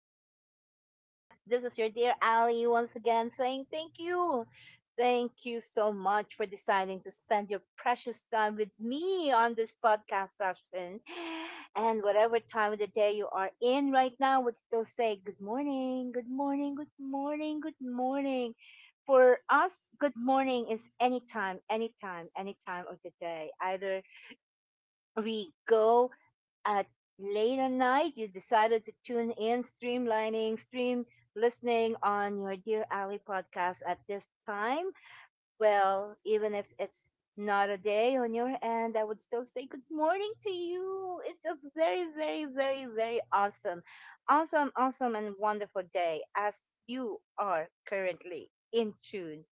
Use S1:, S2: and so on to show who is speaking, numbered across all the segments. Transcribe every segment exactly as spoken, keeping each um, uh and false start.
S1: yes, yes, yes. This is your dear Ali once again saying thank you. Thank you so much for deciding to spend your precious time with me on this podcast session. And whatever time of the day you are in right now, would still say good morning, good morning, good morning, good morning. For us, good morning is anytime, anytime, any time of the day. Either we go at late at night you decided to tune in, streamlining stream listening on your dear Ally podcast at this time, well, even if it's not a day on your end, I would still say good morning to you. It's a very, very, very, very awesome, awesome awesome and wonderful day as you are currently in tune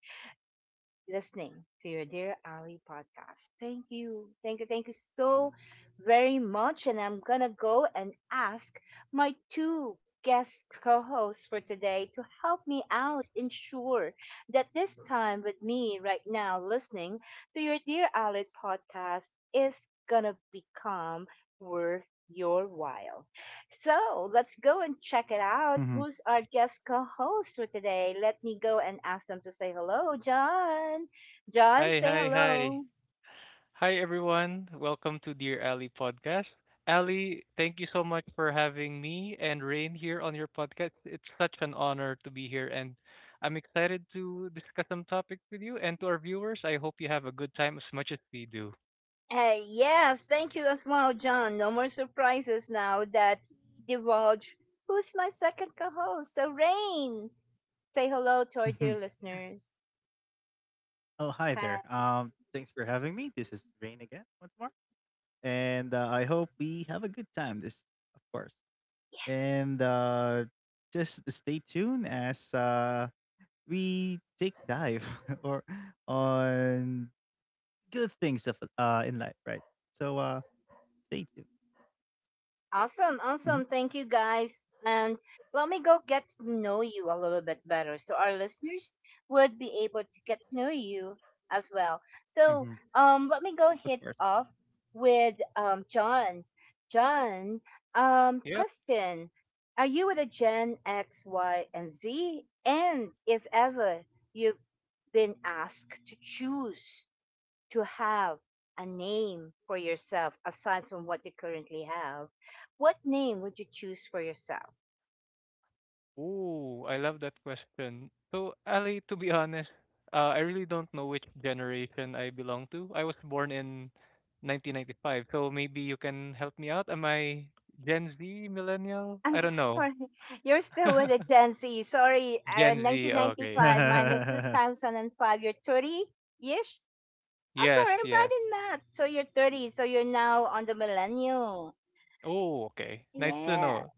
S1: listening to your Dear Ali podcast. Thank you. Thank you. Thank you so very much. And I'm going to go and ask my two guest co hosts for today to help me out, ensure that this time with me right now, listening to your Dear Ali podcast, is going to become worth your while. So let's go and check it out.
S2: Mhm.
S1: Who's our guest co host for today? Let me go and ask them to say hello. John. John,
S3: Hi,
S1: say
S3: hi, hi.
S1: hello.
S3: Hi, everyone. Welcome to Dear Ali podcast. Ali, thank you so much for having me and Rain here on your podcast. It's such an honor to be here, and I'm excited to discuss some topics with you and to our viewers. I hope you have a good time as much as we do.
S1: Hey, yes, thank you as well, John. No more surprises now that he divulged who's my second co-host, so Rain. Say hello to our dear listeners.
S2: oh, hi there.
S1: Hi.
S2: Um, thanks for having me. This is Rain again, once more. And uh, I hope we have a good time, this, of course.
S1: Yes.
S2: And uh, Just stay tuned as uh, we take dive or on good things of, uh, in life, right? So uh, stay tuned.
S1: Awesome, awesome.
S2: Mhm.
S1: Thank you guys. And let me go get to know you a little bit better so our listeners would be able to get to know you as well. So,
S2: Mhm.
S1: um let me go
S2: Of
S1: hit
S2: course.
S1: off with um John. John, um
S3: Yeah.
S1: question. Are you with a Gen X, Y, and Z? And if ever you've been asked to choose to have a name for yourself aside from what you currently have, what name would you choose for yourself?
S3: Oh, I love that question. So, Ali, to be honest, uh, I really don't know which generation I belong to. I was born in nineteen ninety-five, so maybe you can help me out. Am I Gen Z, millennial?
S1: I'm
S3: I don't know.
S1: sorry, you're still with a Gen Z. Sorry, uh,
S3: Gen Z, okay.
S1: nineteen ninety-five minus
S2: mm.
S1: two thousand five, you're thirty ish. I'm
S3: Yes,
S1: sorry, I'm bad
S3: yes.
S1: in math. So you're thirty, so you're now on the millennial.
S3: Oh, okay. Nice to
S1: Yeah.
S3: know.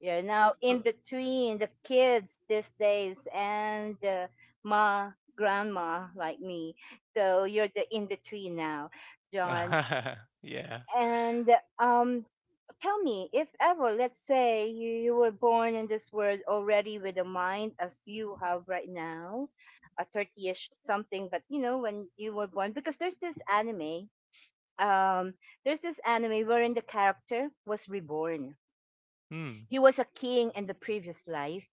S1: You're now
S3: So-
S1: in between the kids these days and the ma grandma like me. So you're the in between now, John.
S3: yeah.
S1: And um, tell me, if ever, let's say you, you were born in this world already with a mind as you have right now, a thirty-ish something, but you know, when you were born, because there's this anime. Um, there's this anime wherein the character was reborn.
S3: Hmm.
S1: He was a king in the previous life,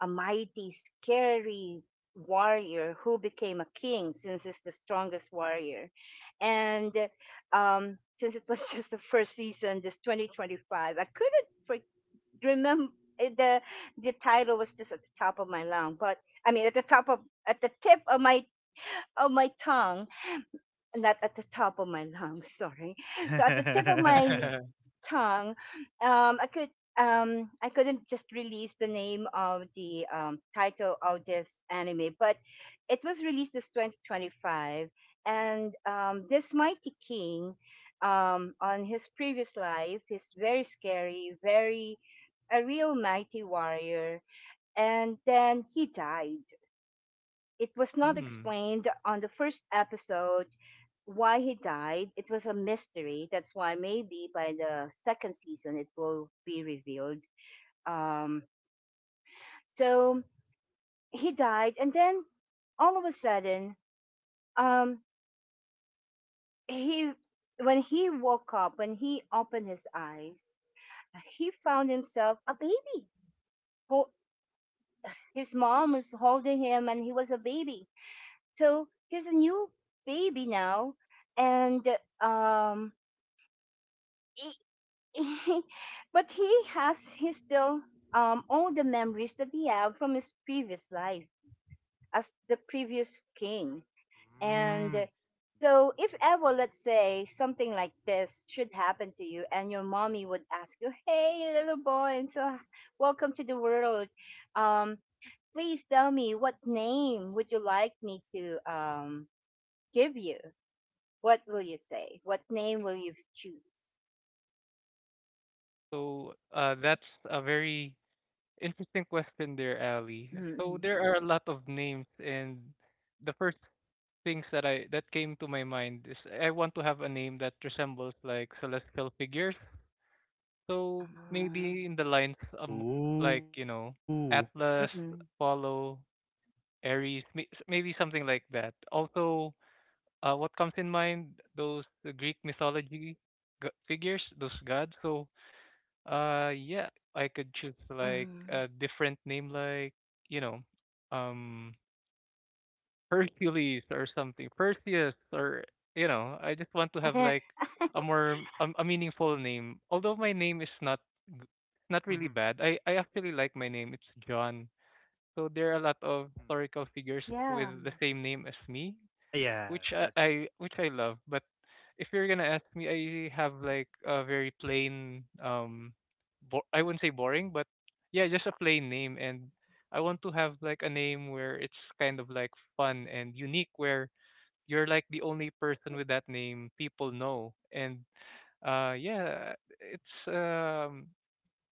S1: a mighty, scary warrior who became a king since he's the strongest warrior. And um, since it was just the first season, this twenty twenty-five, I couldn't for- remember, the the title was just at the top of my lung but I mean at the top of at the tip of my of my tongue, not at the top of my lungs. Sorry, so at the tip of my tongue, um, I could um, I couldn't just release the name of the um, title of this anime, but it was released this twenty twenty-five. And um, this mighty king, um, on his previous life, is very scary, very a real mighty warrior, and then he died. It was not
S3: hmm.
S1: explained on the first episode why he died. It was a mystery. That's why maybe by the second season it will be revealed. Um, so he died, and then all of a sudden, um, he when he woke up, when he opened his eyes, he found himself a baby. Ho- His mom was holding him, and he was a baby. So he's a new baby now, and um, he, but he has he still, um, all the memories that he had from his previous life as the previous king. And
S2: Mm.
S1: so, if ever, let's say something like this should happen to you, and your mommy would ask you, hey little boy, I'm so, welcome to the world, um, please tell me, what name would you like me to, um, give you? What will you say? What name will you choose?
S3: So, uh, that's a very interesting question there, Ali. So
S1: Mm-mm.
S3: there are a lot of names, and the first things that I that came to my mind is I want to have a name that resembles like celestial figures. So
S1: Ah.
S3: maybe in the lines um like you
S2: Ooh.
S3: know
S1: Mm-mm.
S3: Atlas, Apollo, Aries, may- s- maybe something like that. Also, uh, what comes in mind those uh, Greek mythology g- figures, those gods. So uh, yeah, I could choose
S1: Mhm.
S3: like a different name, like you know, um, Hercules or something, Perseus, or you know, I just want to have like a more a, a meaningful name. Although my name is not g- it's not
S2: Mhm. Mm.
S3: really bad, I I actually like my name. It's John. So there are a lot of historical figures
S1: Yeah.
S3: with the same name as me
S2: Yeah, that's
S3: which I,
S2: true.
S3: I which I love. But if you're gonna ask me, I have like a very plain um, bo- I wouldn't say boring, but yeah, just a plain name, and I want to have like a name where it's kind of like fun and unique, where you're like the only person with that name people know, and uh, yeah, it's um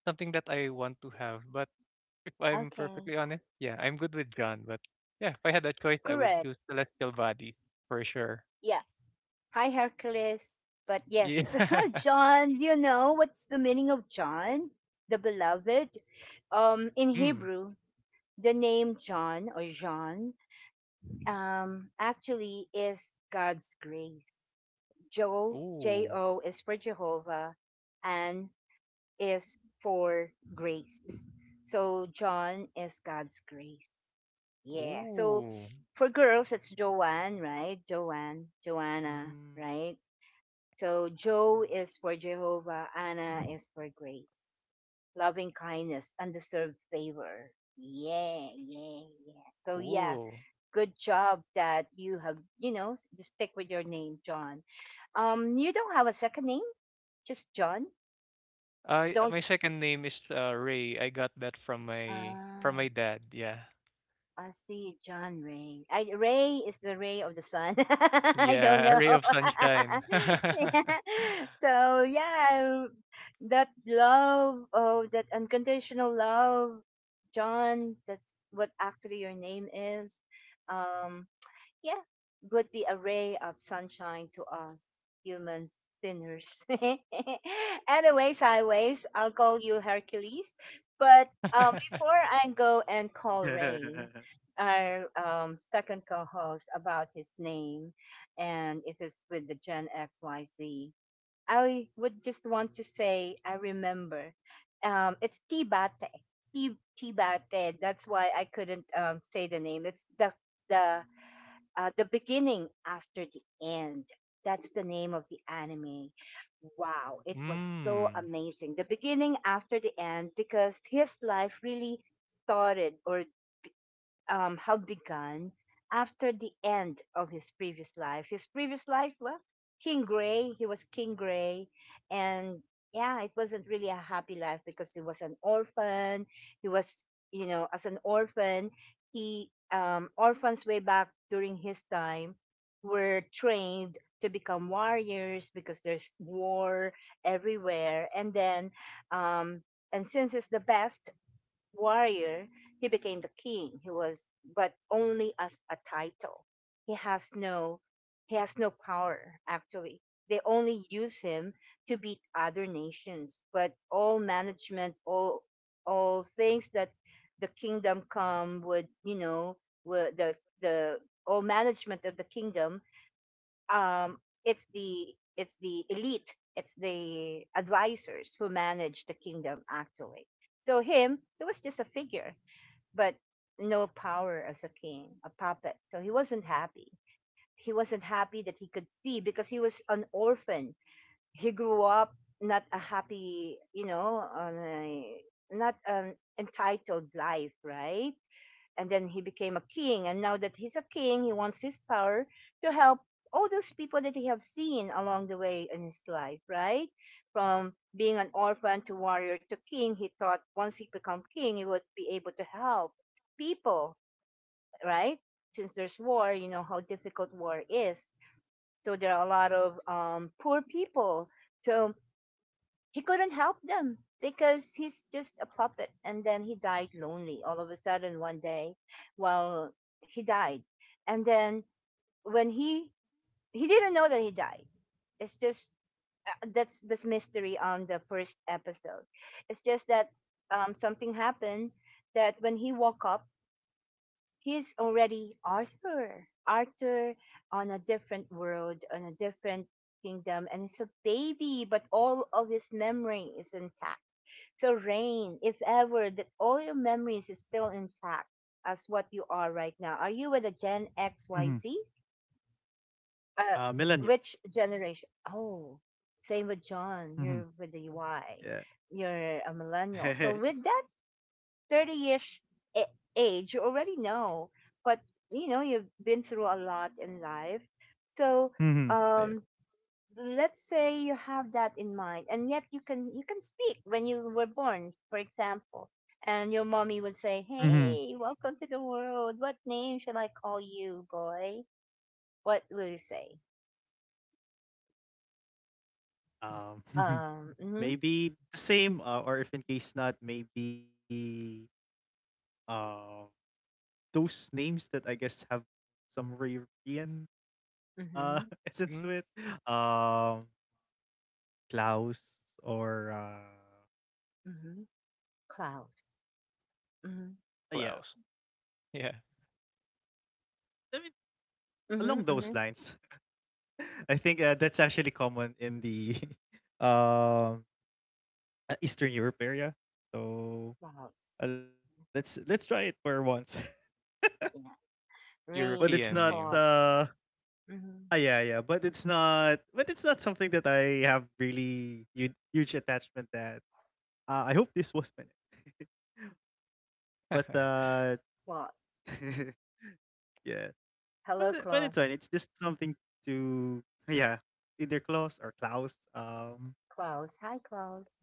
S3: something that I want to have. But if I'm
S1: Okay.
S3: perfectly honest, yeah, I'm good with John, but yeah, if I had a choice, I would
S1: Correct.
S3: choose Celestial Bodies for sure.
S1: Yeah. Hi, Hercules. But yes,
S3: Yeah.
S1: John, do you know what's the meaning of John, the beloved? Um, in
S3: Mm.
S1: Hebrew, the name John, or John, um, actually is God's grace. Jo, J
S3: Ooh.
S1: O, is for Jehovah, and is for grace. So John is God's grace. Yeah. So
S3: Ooh.
S1: for girls, it's Joanne, right? Joanne, Joanna,
S2: Mm.
S1: right? So Joe is for Jehovah, Anna is for grace, loving kindness, undeserved favor. Yeah, yeah, yeah. So yeah,
S3: Cool.
S1: good job that you have, you know, just stick with your name, John. Um, you don't have a second name, just John.
S3: Uh,
S1: Don't.
S3: my second name is uh, Ray. I got that from my from
S1: Ah.
S3: my dad. Yeah.
S1: I see John Ray. I, Ray is the ray of the sun. I don't
S3: Yeah.
S1: know.
S3: Ray of sunshine.
S1: Yeah. So yeah, that love, oh, that unconditional love, John. That's what actually your name is. Um, yeah, would the array of sunshine to us humans, sinners. Anyways, highways, I'll call you Hercules. But um, before I go and call Rain, our um, second co host, about his name and if it's with the Gen X Y Z, I would just want to say, I remember, um, it's Tibate. Ti- Tibate. That's why I couldn't, um, say the name. It's the the uh, the beginning after the end. That's the name of the anime. Wow, it was so
S3: mm.
S1: amazing. The beginning after the end, because his life really started, or um, had begun after the end of his previous life. His previous life, well, King Gray, he was King Gray. And yeah, it wasn't really a happy life because he was an orphan. He was, you know, as an orphan, he, um, orphans way back during his time were trained to become warriors because there's war everywhere. And then, um, and since he's the best warrior, he became the king. He was, but only as a title. He has no, he has no power. Actually, they only use him to beat other nations. But all management, all all things that the kingdom come would, you know, would the the all management of the kingdom, um, it's the it's the elite, it's the advisors who manage the kingdom actually. So him, he was just a figure, but no power as a king, a puppet. So he wasn't happy. He wasn't happy that he could see because he was an orphan. He grew up not a happy, you know, on a, not an entitled life, right? And then he became a king, and now that he's a king he wants his power to help all those people that he have seen along the way in his life, right, from being an orphan to warrior to king. He thought once he become king he would be able to help people, right? Since there's war, you know how difficult war is, so there are a lot of um, poor people, so he couldn't help them because he's just a puppet. And then he died lonely all of a sudden one day. Well, he died, and then when he he didn't know that he died. It's just, uh, that's this mystery on the first episode. It's just that, um, something happened that when he woke up he's already Arthur. Arthur on a different world, on a different kingdom, and it's a baby, but all of his memory is intact. So, Rain, if ever that all your memories is still intact as what you are right now, are you with a Gen
S2: Mhm.
S1: X Y Z? Uh,
S2: Uh, millennials.
S1: which generation? Oh, same with John.
S2: Mhm.
S1: You're with the Y.
S2: Yeah.
S1: You're a millennial. So, with that thirty ish age, you already know. But you know, you've been through a lot in life. So,
S2: Mhm. Ayun.
S1: um, let's say you have that in mind, and yet you can you can speak when you were born, for example, and your mommy would say,
S2: Mhm.
S1: hey, welcome to the world, what name shall I call you, boy? What will you say?
S2: Um, Mhm.
S1: Um, mm-hmm.
S2: Maybe the same, uh, or if in case not, maybe uh, those names that I guess have some European
S1: Mm-hmm.
S2: uh,
S3: mm.
S2: essence to it. Um, Klaus or uh,
S1: Mm-hmm. Clouds. Mm-hmm.
S2: yeah,
S3: Klaus. Yeah.
S2: I mean along
S1: Mm-hmm.
S2: those
S1: Mm-hmm.
S2: lines. I think uh, that's actually common in the um uh, Eastern Europe area. So
S1: Clouds.
S2: uh, let's let's try it for once.
S1: Yeah,
S2: but it's
S1: rain
S2: not
S1: to
S3: European name.
S1: Claus.
S2: uh Ah,
S1: Mm-hmm.
S2: yeah yeah. But it's not but it's not something that I have really huge, huge attachment. That uh, I hope this was meant. but uh
S1: Claus.
S2: yeah,
S1: Hello,
S2: but but it's
S1: Claus.
S2: fine. It's just something to yeah, either Klaus or Klaus. Um,
S1: Klaus. Hi, Klaus.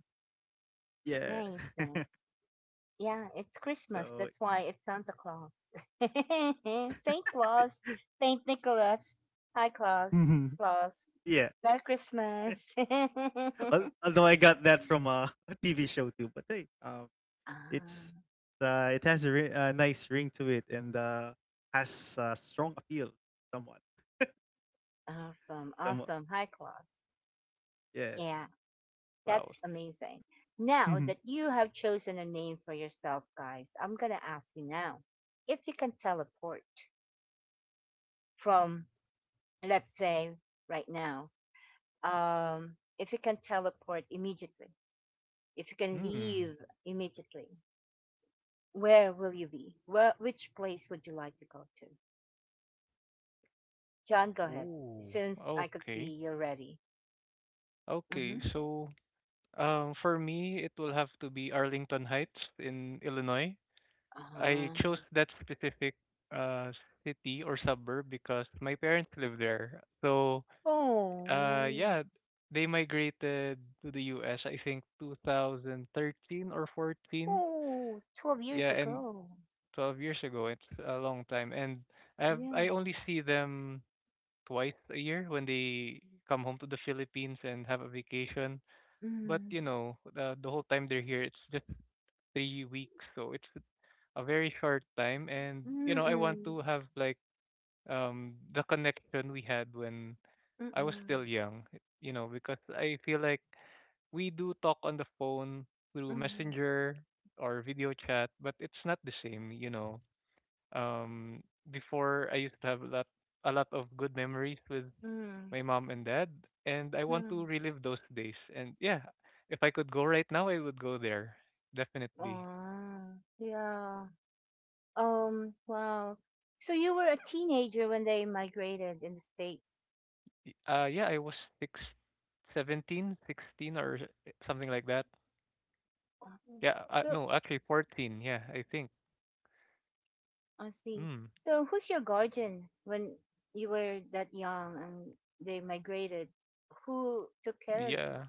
S1: Nice,
S2: yeah.
S1: nice. Yeah, it's
S2: so
S1: Christmas. That's why it's Santa Claus. Saint Claus, Saint Nicholas. Hi, Claus. Claus.
S2: yeah,
S1: Merry Christmas. Ah,
S2: Al- although I got that from uh, a T V show too, but hey, um, it's uh, it has a, ri- a nice ring to it and uh, has uh, strong appeal, somewhat,
S1: awesome. Awesome. Hi,
S2: somewhat,
S1: Claus. Yeah,
S2: yeah.
S1: that's
S3: Klaus.
S1: amazing. Now that you have chosen a name for yourself, guys, I'm going to ask you now, if you can teleport from, let's say, right now, um, if you can teleport immediately if you can
S3: Hmm.
S1: leave immediately, where will you be? Where, which place would you like to go to? John, go ahead.
S3: Ooh.
S1: Since I could
S3: Okay.
S1: see you're ready.
S3: Okay.
S1: Mm-hmm.
S3: So, um, for me, it will have to be Arlington Heights in Illinois. I
S1: Um,
S3: chose that specific uh city or suburb because my parents live there. So
S1: oh,
S3: uh yeah, they migrated to the U S I think two thousand thirteen or fourteen.
S1: oh, 12
S3: Yeah,
S1: years
S3: and
S1: ago.
S3: twelve years ago. It's a long time and I've
S1: Yeah.
S3: I only see them twice a year when they come home to the Philippines and have a vacation. But
S1: Mm,
S3: you know, the, the whole time they're here it's just three weeks, so it's a very short time and you know I
S1: mm-mm,
S3: want to have like um the connection we had when I was
S1: mm-mm,
S3: still young, you know, because I feel like we do talk on the phone through
S1: mm,
S3: Messenger or video chat, but it's not the same, you know. Um Before I used to have a lot a lot of good memories with
S1: mm,
S3: my mom and dad and I want to
S1: mm.
S3: relive those days. And yeah, if I could go right now, I would go there. Definitely.
S1: Oh, yeah. Um, wow. So you were a teenager when they migrated in the States.
S3: Y- Uh yeah, I was six, seventeen, sixteen, or something like that. Yeah, uh,
S1: So
S3: no, actually fourteen, yeah, I think.
S1: I see.
S3: Mm,
S1: So, who's your guardian when you were that young and they migrated? Who took care of you?
S3: yeah.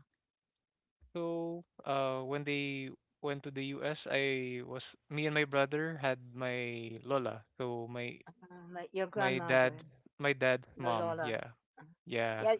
S3: So, uh, when they went to the U S, I was me and my brother had my lola. So my
S1: Uh, like your
S3: my dad,
S1: grandmother,
S3: my dad's
S1: your
S3: mom,
S1: Lola.
S3: yeah.
S1: Uh,
S3: Yeah.
S1: yeah.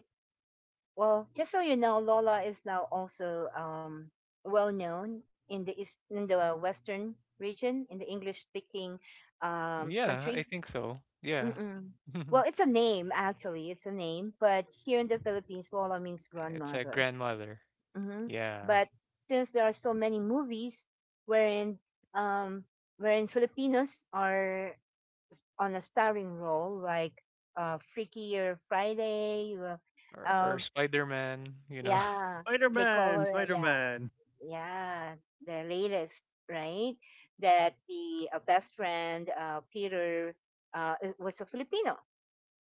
S1: Well, just so you know, Lola is now also um, well known in the east, in the Western region, in the English-speaking um,
S3: Yeah, I
S1: countries.
S3: think so. Yeah.
S1: Mm-mm. Well, it's a name actually. It's a name, but here in the Philippines, Lola means
S3: It's a
S1: grandmother.
S3: grandmother.
S1: Hmm.
S3: Yeah.
S1: But since there are so many movies wherein um, wherein Filipinos are s- on a starring role, like uh, Freaky or Friday, or,
S3: Or or
S1: uh,
S3: Spider-Man, you know.
S1: yeah,
S2: Spider
S1: they call
S2: Man,
S1: her, uh,
S2: Spider
S1: yeah,
S2: Man.
S1: yeah, the latest, right? That the uh, best friend uh, Peter uh, i- was a Filipino,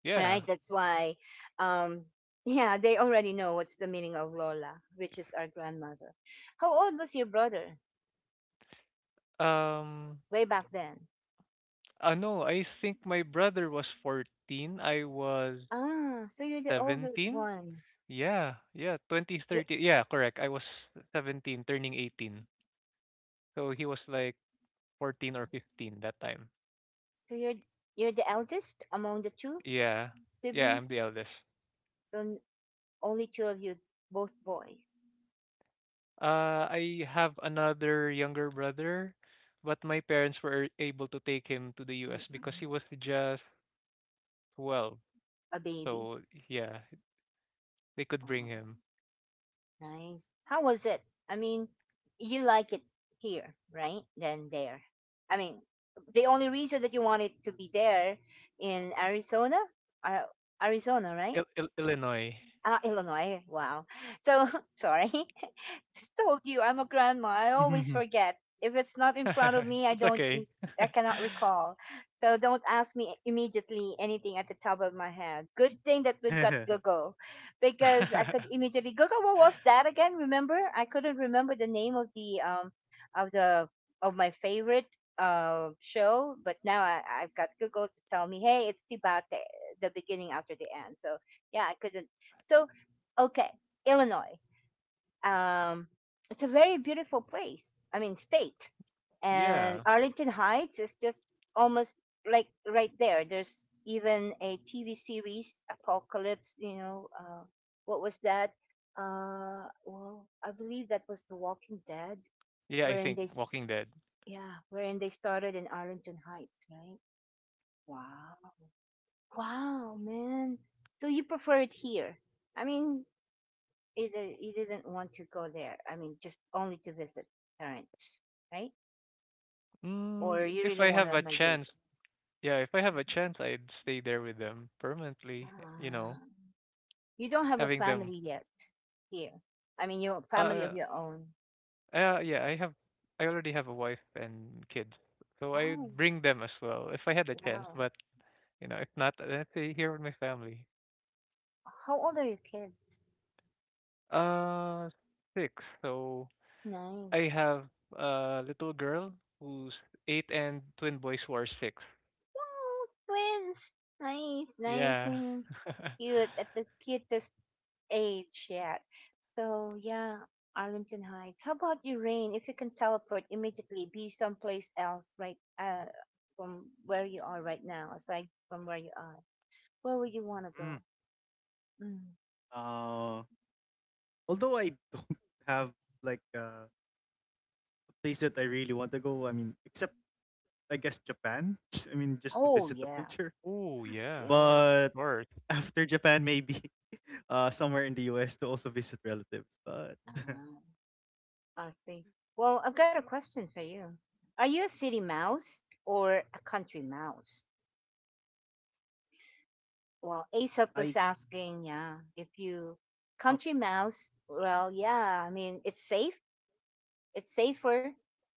S3: Yeah.
S1: right? That's why, um, yeah, they already know what's the meaning of Lola, which is our grandmother. How old was your brother
S3: Um,
S1: way back then?
S3: uh, no, I think my brother was fourteen, I was
S1: Ah, so you're the older
S3: seventeen.
S1: one.
S3: Yeah, yeah, twenty
S1: You're,
S3: thirty. Yeah, correct. I was seventeen, turning eighteen. So he was like fourteen or fifteen that time.
S1: so you're you're the eldest among the two
S3: Yeah, yeah, I'm
S1: siblings.
S3: the eldest.
S1: So n- Only two of you, both boys.
S3: Uh, I have another younger brother, but my parents were able to take him to the U S because
S1: Mm-mm.
S3: he was just twelve.
S1: A baby.
S3: So yeah, they could
S1: Oh.
S3: bring him.
S1: Nice. How was it? I mean, you like it here, right? Than there. I mean, the only reason that you wanted to be there in Arizona, Ar- Arizona, right?
S3: Il Il Illinois.
S1: Uh, Illinois. Wow. So sorry, just told you I'm a grandma. I always
S2: mm.
S1: forget. If it's not in front of me, I
S3: It's
S1: don't, mm,
S3: okay.
S1: I cannot recall. So don't ask me immediately anything at the top of my head. Good thing that we've got Google, because I could immediately Google what was that again? Remember? I couldn't remember the name of the um of the of my favorite uh show, but now I, I've got Google to tell me, hey, it's Tibate, the beginning after the end. So yeah, I couldn't, so okay. Illinois, um, it's a very beautiful place. I mean, state. And
S3: Yeah.
S1: Arlington Heights is just almost like right there. There's even a T V series, Apocalypse. You know, uh, what was that? Uh, well, I believe that was The Walking Dead,
S3: Yeah, I
S1: wherein
S3: think
S1: they, s-
S3: Walking Dead.
S1: yeah, wherein they started in Arlington Heights, right? Wow, wow, man. So you prefer it here? I mean, either you didn't want to go there. I mean, just only to visit parents, right? Or
S3: Mm,
S1: mm, you
S3: if
S1: really
S3: I
S1: want
S3: have
S1: to
S3: a
S1: migrate.
S3: chance, yeah, if I have a chance, I'd stay there with them permanently, you know,
S1: Ah, you don't have a
S3: having them
S1: family yet here. I mean, your family of
S3: uh
S1: your own.
S3: uh yeah, I have I already have a wife and kids. So I'd
S1: Oh,
S3: bring them as well if I had a chance,
S1: wow.
S3: but you know, if not, then I'd stay here with my family.
S1: How old are your kids?
S3: Uh, six. So
S1: Nice.
S3: I have a little girl who's eight and twin boys who are six.
S1: Wow, twins. Nice, nice
S3: Yeah.
S1: and cute. At the cutest age yet. So yeah, Arlington Heights. How about you, Rain? If you can teleport immediately, be someplace else, right? Uh, from where you are right now, aside from where you are, where would you want to go? Mm.
S2: uh, Although I don't have like uh, a place that I really want to go. I mean, except I guess Japan. I mean, just to
S1: Oh
S2: visit the
S1: yeah,
S2: culture.
S3: Oh yeah. Of
S1: yeah.
S2: But
S3: course.
S2: after Japan, maybe uh, somewhere in the U S to also visit relatives. But
S1: Uh-huh. I see. Well, I've got a question for you. Are you a city mouse or a country mouse? Well, Aesop
S2: I
S1: was asking, yeah, if you country
S2: okay.
S1: mouse, well, yeah, I mean, it's safe it's safer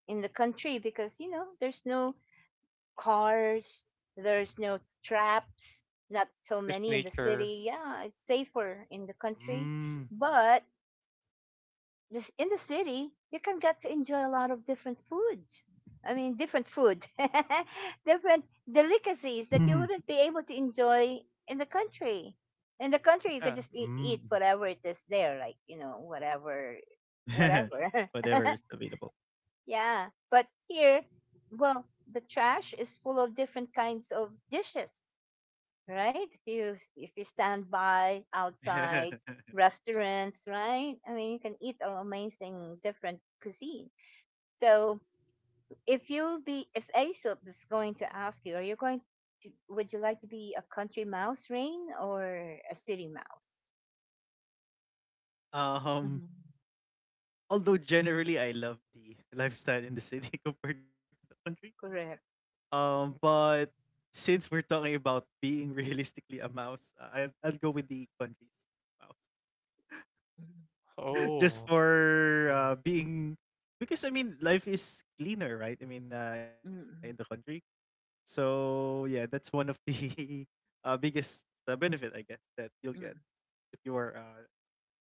S1: in the country, because you know there's no cars, there's no traps, not so
S3: Just
S1: many in the
S3: nature.
S1: city, yeah, it's safer in the country.
S2: Mm.
S1: But this in the city, you can get to enjoy a lot of different foods, I mean different food, different delicacies that
S2: Mm.
S1: you wouldn't be able to enjoy in the country. In the country you
S3: Yeah.
S1: could just eat, eat
S2: Mm.
S1: whatever it is there, like you know, whatever whatever
S2: Whatever is available.
S1: Yeah, but here, well, the trash is full of different kinds of dishes, right? If you if you stand by outside restaurants, right? I mean, you can eat all amazing different cuisine. So, if you be if Aesop is going to ask you, are you going to would you like to be a country mouse, Rain, or a city mouse? Hmm.
S2: um, Although generally I love the lifestyle in the city compared to the country.
S1: Correct.
S2: Um, but since we're talking about being realistically a mouse, I I'll go with the countries mouse.
S1: Mm-hmm.
S2: Just
S3: Oh.
S2: for
S3: mm.
S2: uh, being because I mean life is cleaner, right? I mean uh, in the
S1: Mm, mm,
S2: country. So yeah, that's one of the uh, biggest uh, benefit I guess that you'll get
S1: mm.
S2: if you are uh,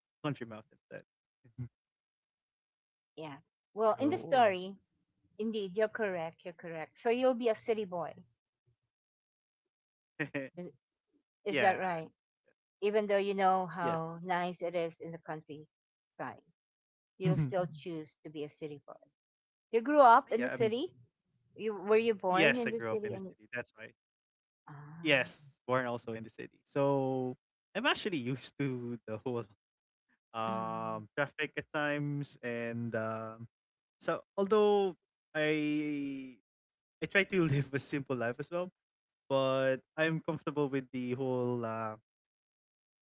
S2: country mouse instead.
S1: Yeah. Well, in the
S2: so
S3: Oh.
S1: story, indeed, you're correct. You're correct. So you'll be a city boy. Is,
S2: yeah,
S1: is that right? Even though you
S2: yes,
S1: know how nice it is in the countryside, you'll still, mhm, choose to be a city boy. You grew up
S2: yeah.
S1: in
S2: I
S1: the
S2: mean
S1: city. You were you
S2: yes, I grew
S1: born
S2: up in
S1: in
S2: the
S1: the
S2: city.
S1: city?
S2: That's
S1: And
S2: why. Yes,
S1: ah,
S2: born also in the city. So I'm actually used to the whole
S1: mm,
S2: um, traffic at times, and um, so although I I try to live a simple life as well, but I'm comfortable with the whole uh,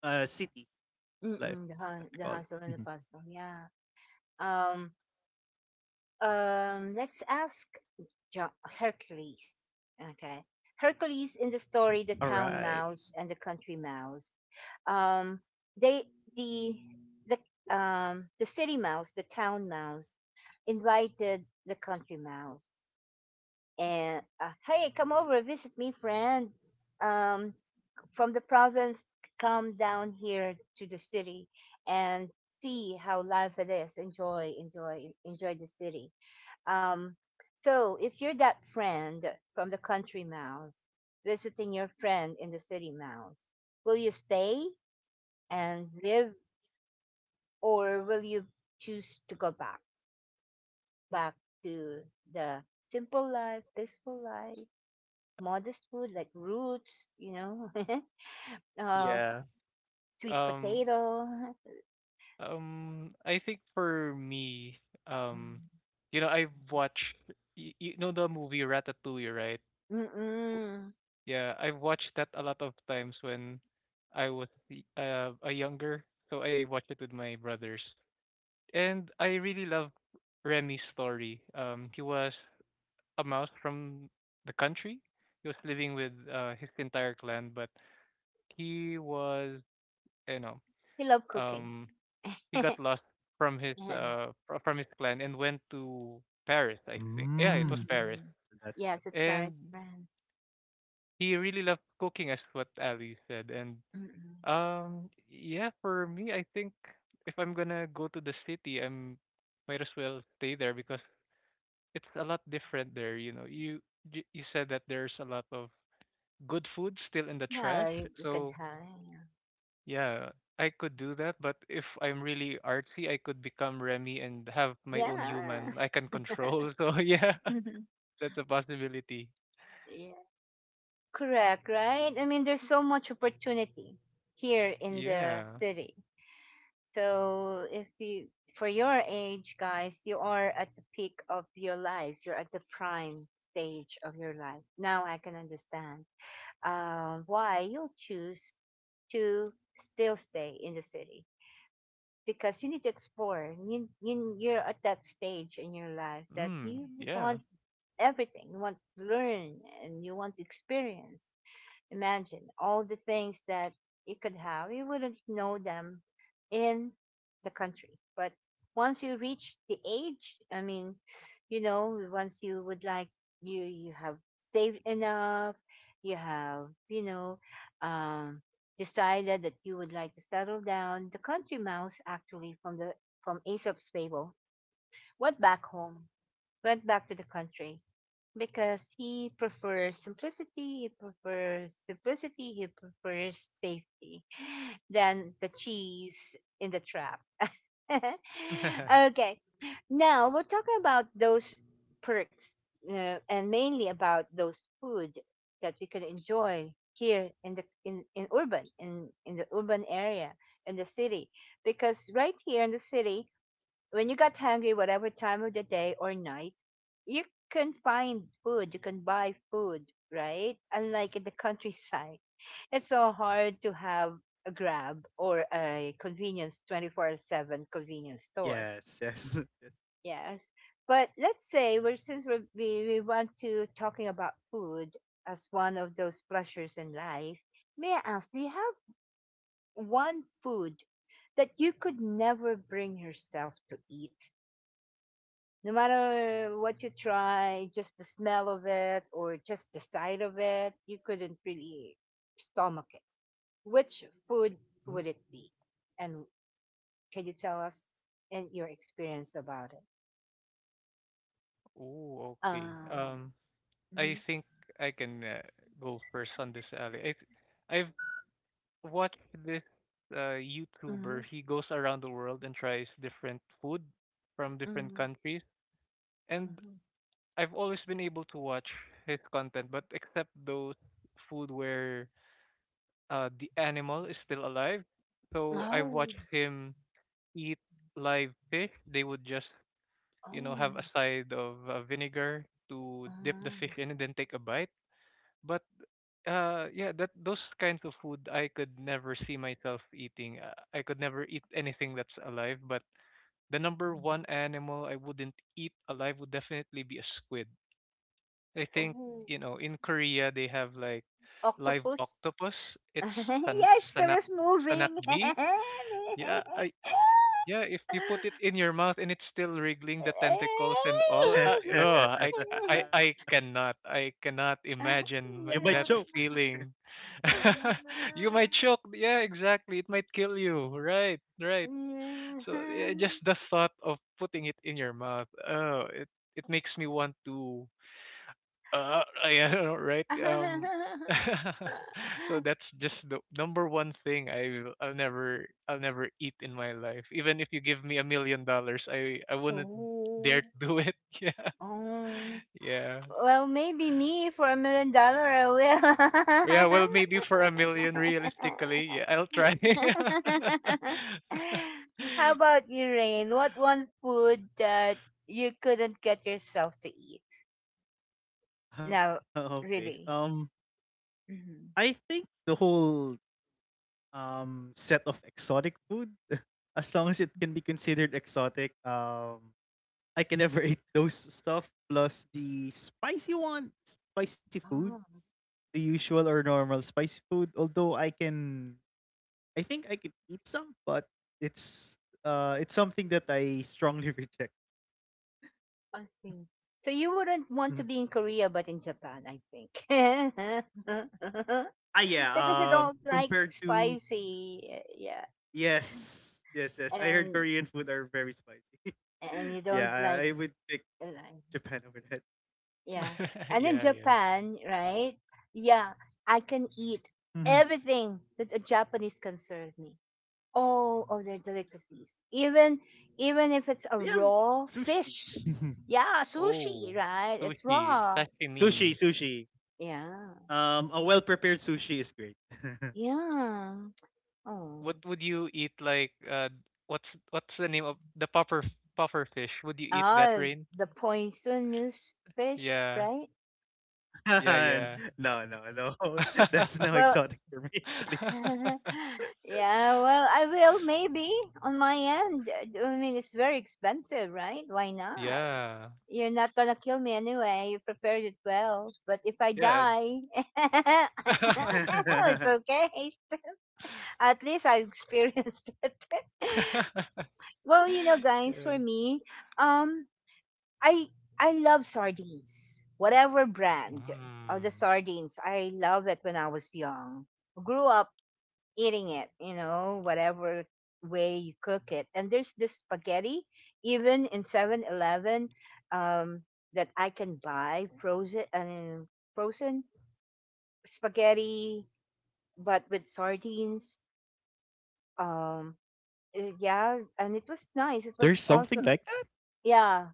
S2: uh city
S1: mm,
S2: life,
S1: mm, the
S2: as
S1: hu-
S2: they
S1: the
S2: call it.
S1: hustle and the
S2: Mhm.
S1: bustle. Yeah. Um, um, let's ask Jo- Hercules. Okay. Hercules in the story, the
S2: All
S1: town
S2: right.
S1: mouse and the country mouse. Um, they the the um the city mouse, the town mouse, invited the country mouse, and uh, hey, come over, visit me, friend. Um, from the province, come down here to the city and see how life it is. Enjoy, enjoy, enjoy the city. Um, so if you're that friend from the country mouse visiting your friend in the city mouse, will you stay and live, or will you choose to go back, back to the simple life, peaceful life, modest food like roots, you know, uh,
S3: Yeah.
S1: sweet
S3: Um
S1: potato.
S3: um I think for me, um you know, I've watched you, you know the movie Ratatouille, right? W-
S1: Mm-mm.
S3: Yeah, I've watched that a lot of times when I was y- uh, a younger. So I watched it with my brothers. And I really love Remy's story. Um he was a mouse from the country. He was living with uh, his entire clan, but he was, you know,
S1: He loved cooking.
S3: um. he got lost from his
S1: Mm-mm.
S3: uh fr- from his clan and went to Paris, I think. Yeah, it was
S2: Mm,
S3: Paris.
S2: so that's what.
S1: Yes, it's
S3: And
S1: Paris, France.
S3: he really loved cooking as what Ali said. And
S1: Mm-mm.
S3: um yeah, for me I think if I'm gonna go to the city I'm might as well stay there because it's a lot different there, you know. You you you said that there's a lot of good food still in the
S1: Yeah,
S3: trash.
S1: you, you could
S3: So
S1: have. Yeah.
S3: yeah, I could do that, but if I'm really artsy, I could become Remy and have my own human I can control. So yeah,
S1: Yeah.
S3: that's a possibility.
S1: yeah. Correct, right? I mean, there's so much opportunity here in the
S3: Yeah.
S1: city. So if you, for your age, guys, you are at the peak of your life. You're at the prime stage of your life. Now I can understand um, why you'll choose to still stay in the city, because you need to explore. You, you, you're at that stage in your life that
S3: Mm,
S1: you want
S3: yeah.
S1: everything. You want to learn and you want to experience. Imagine all the things that you could have. You wouldn't know them in the country. But once you reach the age, I mean, you know, once you would like, you you have saved enough, you have, you know, um decided that you would like to settle down. The country mouse actually from the from Aesop's fable went back home, went back to the country because he prefers simplicity, he prefers simplicity, he prefers safety, than the cheese in the trap. Okay, now we're talking about those perks, uh, and mainly about those food that we can enjoy here in the in, in urban in in the urban area in the city, because right here in the city, when you got hungry, whatever time of the day or night, you can find food, you can buy food, right? Unlike in the countryside, it's so hard to have a grab or a convenience twenty-four seven convenience store.
S2: Yes, yes, yes.
S1: Yes. But let's say we're, since we're, we, we want to talking about food as one of those pleasures in life, may I ask, do you have one food that you could never bring yourself to eat? No matter what you try, just the smell of it or just the sight of it, you couldn't really stomach it. Which food would
S3: Mm.
S1: it be? And can you tell us, and your experience about it?
S3: Oh, okay.
S1: Um.
S3: Um,
S1: Mm-hmm,
S3: I think I can uh, go first on this, Ali. I, th- I've watched this uh,
S1: mm-hmm,
S3: YouTuber. He goes around the world and tries different food from different
S1: mm-hmm,
S3: countries. And
S1: mm-hmm.
S3: I've always been able to watch his content, but except those food where uh, the animal is still alive. So I've
S1: Oh.
S3: watched him eat live fish. They would just, you know,
S1: Oh.
S3: have a side of uh, vinegar to dip the fish
S1: Mm.
S3: in and then take a bite. But uh, yeah, that those kinds of food I could never see myself eating. Uh, I could never eat anything that's alive. But the number one animal I wouldn't eat alive would definitely be a squid. I think
S1: Oh.
S3: you know in Korea they have like live
S1: Octopus.
S3: octopus. It's
S1: Yeah,
S3: san
S1: it still
S3: sanak
S1: is moving.
S3: sanakgi. Yeah, I yeah. If you put it in your mouth and it's still wriggling the tentacles and all, uh, ugh, I I I cannot I cannot
S2: You might
S3: imagine m-
S2: choke.
S3: that
S1: Yeah.
S3: feeling. You might choke. Yeah, exactly. It might kill you. Right, right. So yeah, just the thought of putting it in your mouth. Oh, it it makes me want to uh, yeah, I know, right? Um, so that's just the number one thing I I'll never I'll never eat in my life. Even if you give me a million dollars, I I wouldn't dare
S1: Oh,
S3: to do it.
S1: um,
S3: Yeah,
S1: well, maybe me for a million dollar, I will.
S3: yeah, yeah. Well, maybe for a million, realistically, yeah, I'll try.
S1: How about you, Rain? What one food that you couldn't get yourself to eat? Now,
S2: Okay. Um,
S1: really.
S2: I think
S1: Hmm.
S2: the whole um set of exotic food as long as it can be considered exotic um I can never eat those stuff plus the spicy one, spicy food, the usual or normal spicy food, although I can, I think I could eat some, but it's uh it's something that I strongly reject.
S1: I see. So you wouldn't want to be in
S2: Mhm.
S1: Korea, but in Japan, I think.
S2: ah yeah
S1: Because you
S2: um
S1: don't like
S2: Compared to
S1: spicy, uh, yeah,
S2: yes, yes, yes, I heard
S1: and
S2: Korean food are very spicy.
S1: and you don't like,
S2: Yeah, i, I would pick
S1: like
S2: Japan over
S1: yeah, and in
S3: Yeah, yeah.
S1: Japan, right? Yeah, I can
S2: that.
S1: eat everything that a Japanese can serve me. All of their delicacies, even even
S2: They
S1: if
S2: have
S1: it's a raw
S2: sushi.
S1: fish, yeah, sushi,
S3: Oh,
S1: right? It's
S3: sushi,
S1: raw,
S2: Sushi,
S3: sashimi.
S2: sushi.
S1: yeah,
S2: Um, a well-prepared sushi is great.
S1: yeah. Oh.
S3: What would you eat like uh what's what's the name of the puffer puffer fish? Would you eat that
S1: Ah,
S3: rain?
S1: the poisonous fish,
S3: Yeah.
S1: right?
S3: Yeah, yeah.
S2: No, no, no. That's no
S1: Well,
S2: exotic for me, at least.
S1: yeah, well, I will maybe on my end. I mean, it's very expensive, right? Why not?
S3: Yeah.
S1: You're not gonna kill me anyway. You prepared it well. But if I
S3: Yeah.
S1: die, it's okay. At least I experienced it. Well, you know, guys,
S3: Yeah.
S1: for me, um, I I love sardines. Whatever brand of the
S3: Mm.
S1: sardines, I love it when I was young. Grew up eating it, you know, whatever way you cook it. And there's this spaghetti, even in Seven Eleven, um, that I can buy frozen and frozen spaghetti, but with sardines. Um, uh, yeah, and it was nice. It
S2: There's
S1: was
S2: something
S1: awesome.
S2: like that?
S1: Yeah.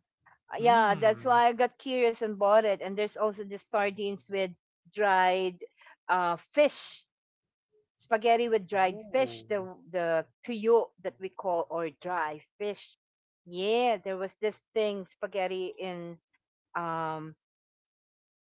S1: Uh, yeah, that's
S3: Mm.
S1: why I got curious and bought it. And there's also the sardines with dried uh, fish, spaghetti with dried fish, the
S3: Ooh.
S1: the tuyo that we call, or dry fish. Yeah, there was this thing spaghetti in um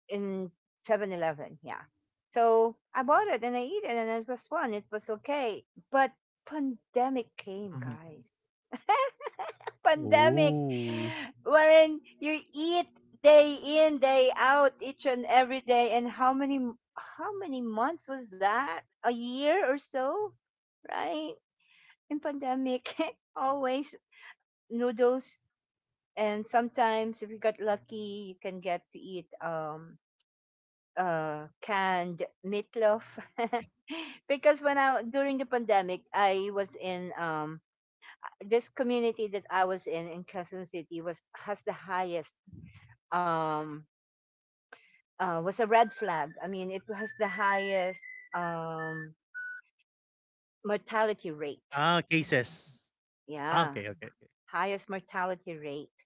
S1: in Seven Eleven. Yeah, so I bought it and I eat it, and it was fun. It was okay, but pandemic came,
S2: Mhm.
S1: guys. Pandemic,
S2: Oh.
S1: wherein you eat day in day out each and every day, and how many, how many months was that, a year or so, right, in pandemic, always noodles, and sometimes if you got lucky you can get to eat um uh canned meatloaf because when I during the pandemic I was in um this community that I was in in Quezon City was has the highest um, uh, was a red flag. I mean, it has the highest um, mortality rate.
S2: Ah, cases. Ah,
S1: Yeah,
S2: okay, okay.
S1: highest mortality rate,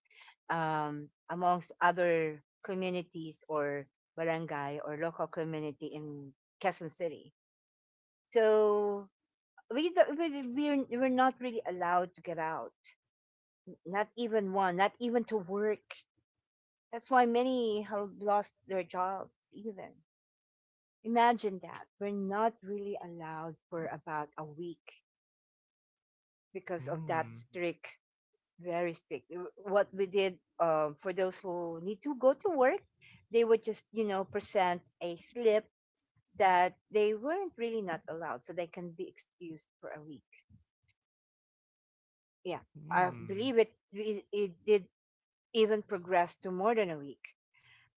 S1: um, amongst other communities or barangay or local community in Quezon City. So we do- we we're, we're not really allowed to get out. Not even one. Not even to work. That's why many have lost their jobs. Even Imagine that. We're not really allowed for about a week because of that
S3: Mm.
S1: strict, very strict. W- What we did, um, for those who need to go to work, they would just, you know, present a slip that they weren't really not allowed, so they can be excused for a week. Yeah. I
S3: Mm.
S1: believe it, it, it did even progress to more than a week.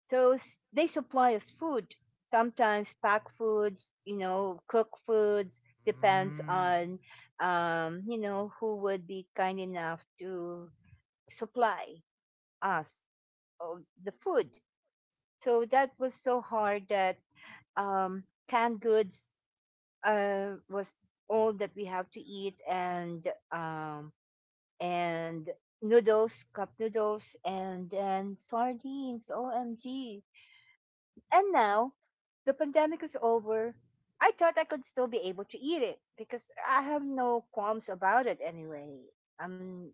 S1: So s- they supply us food, sometimes pack foods, you know, cook foods, depends
S2: Mm,
S1: on, um, you know, who would be kind enough to supply us of the food. So that was so hard that, um, canned goods, uh, was all that we have to eat, and, um, and noodles, cup noodles, and then sardines. O M G. And now the pandemic is over. I thought I could still be able to eat it because I have no qualms about it anyway. Um,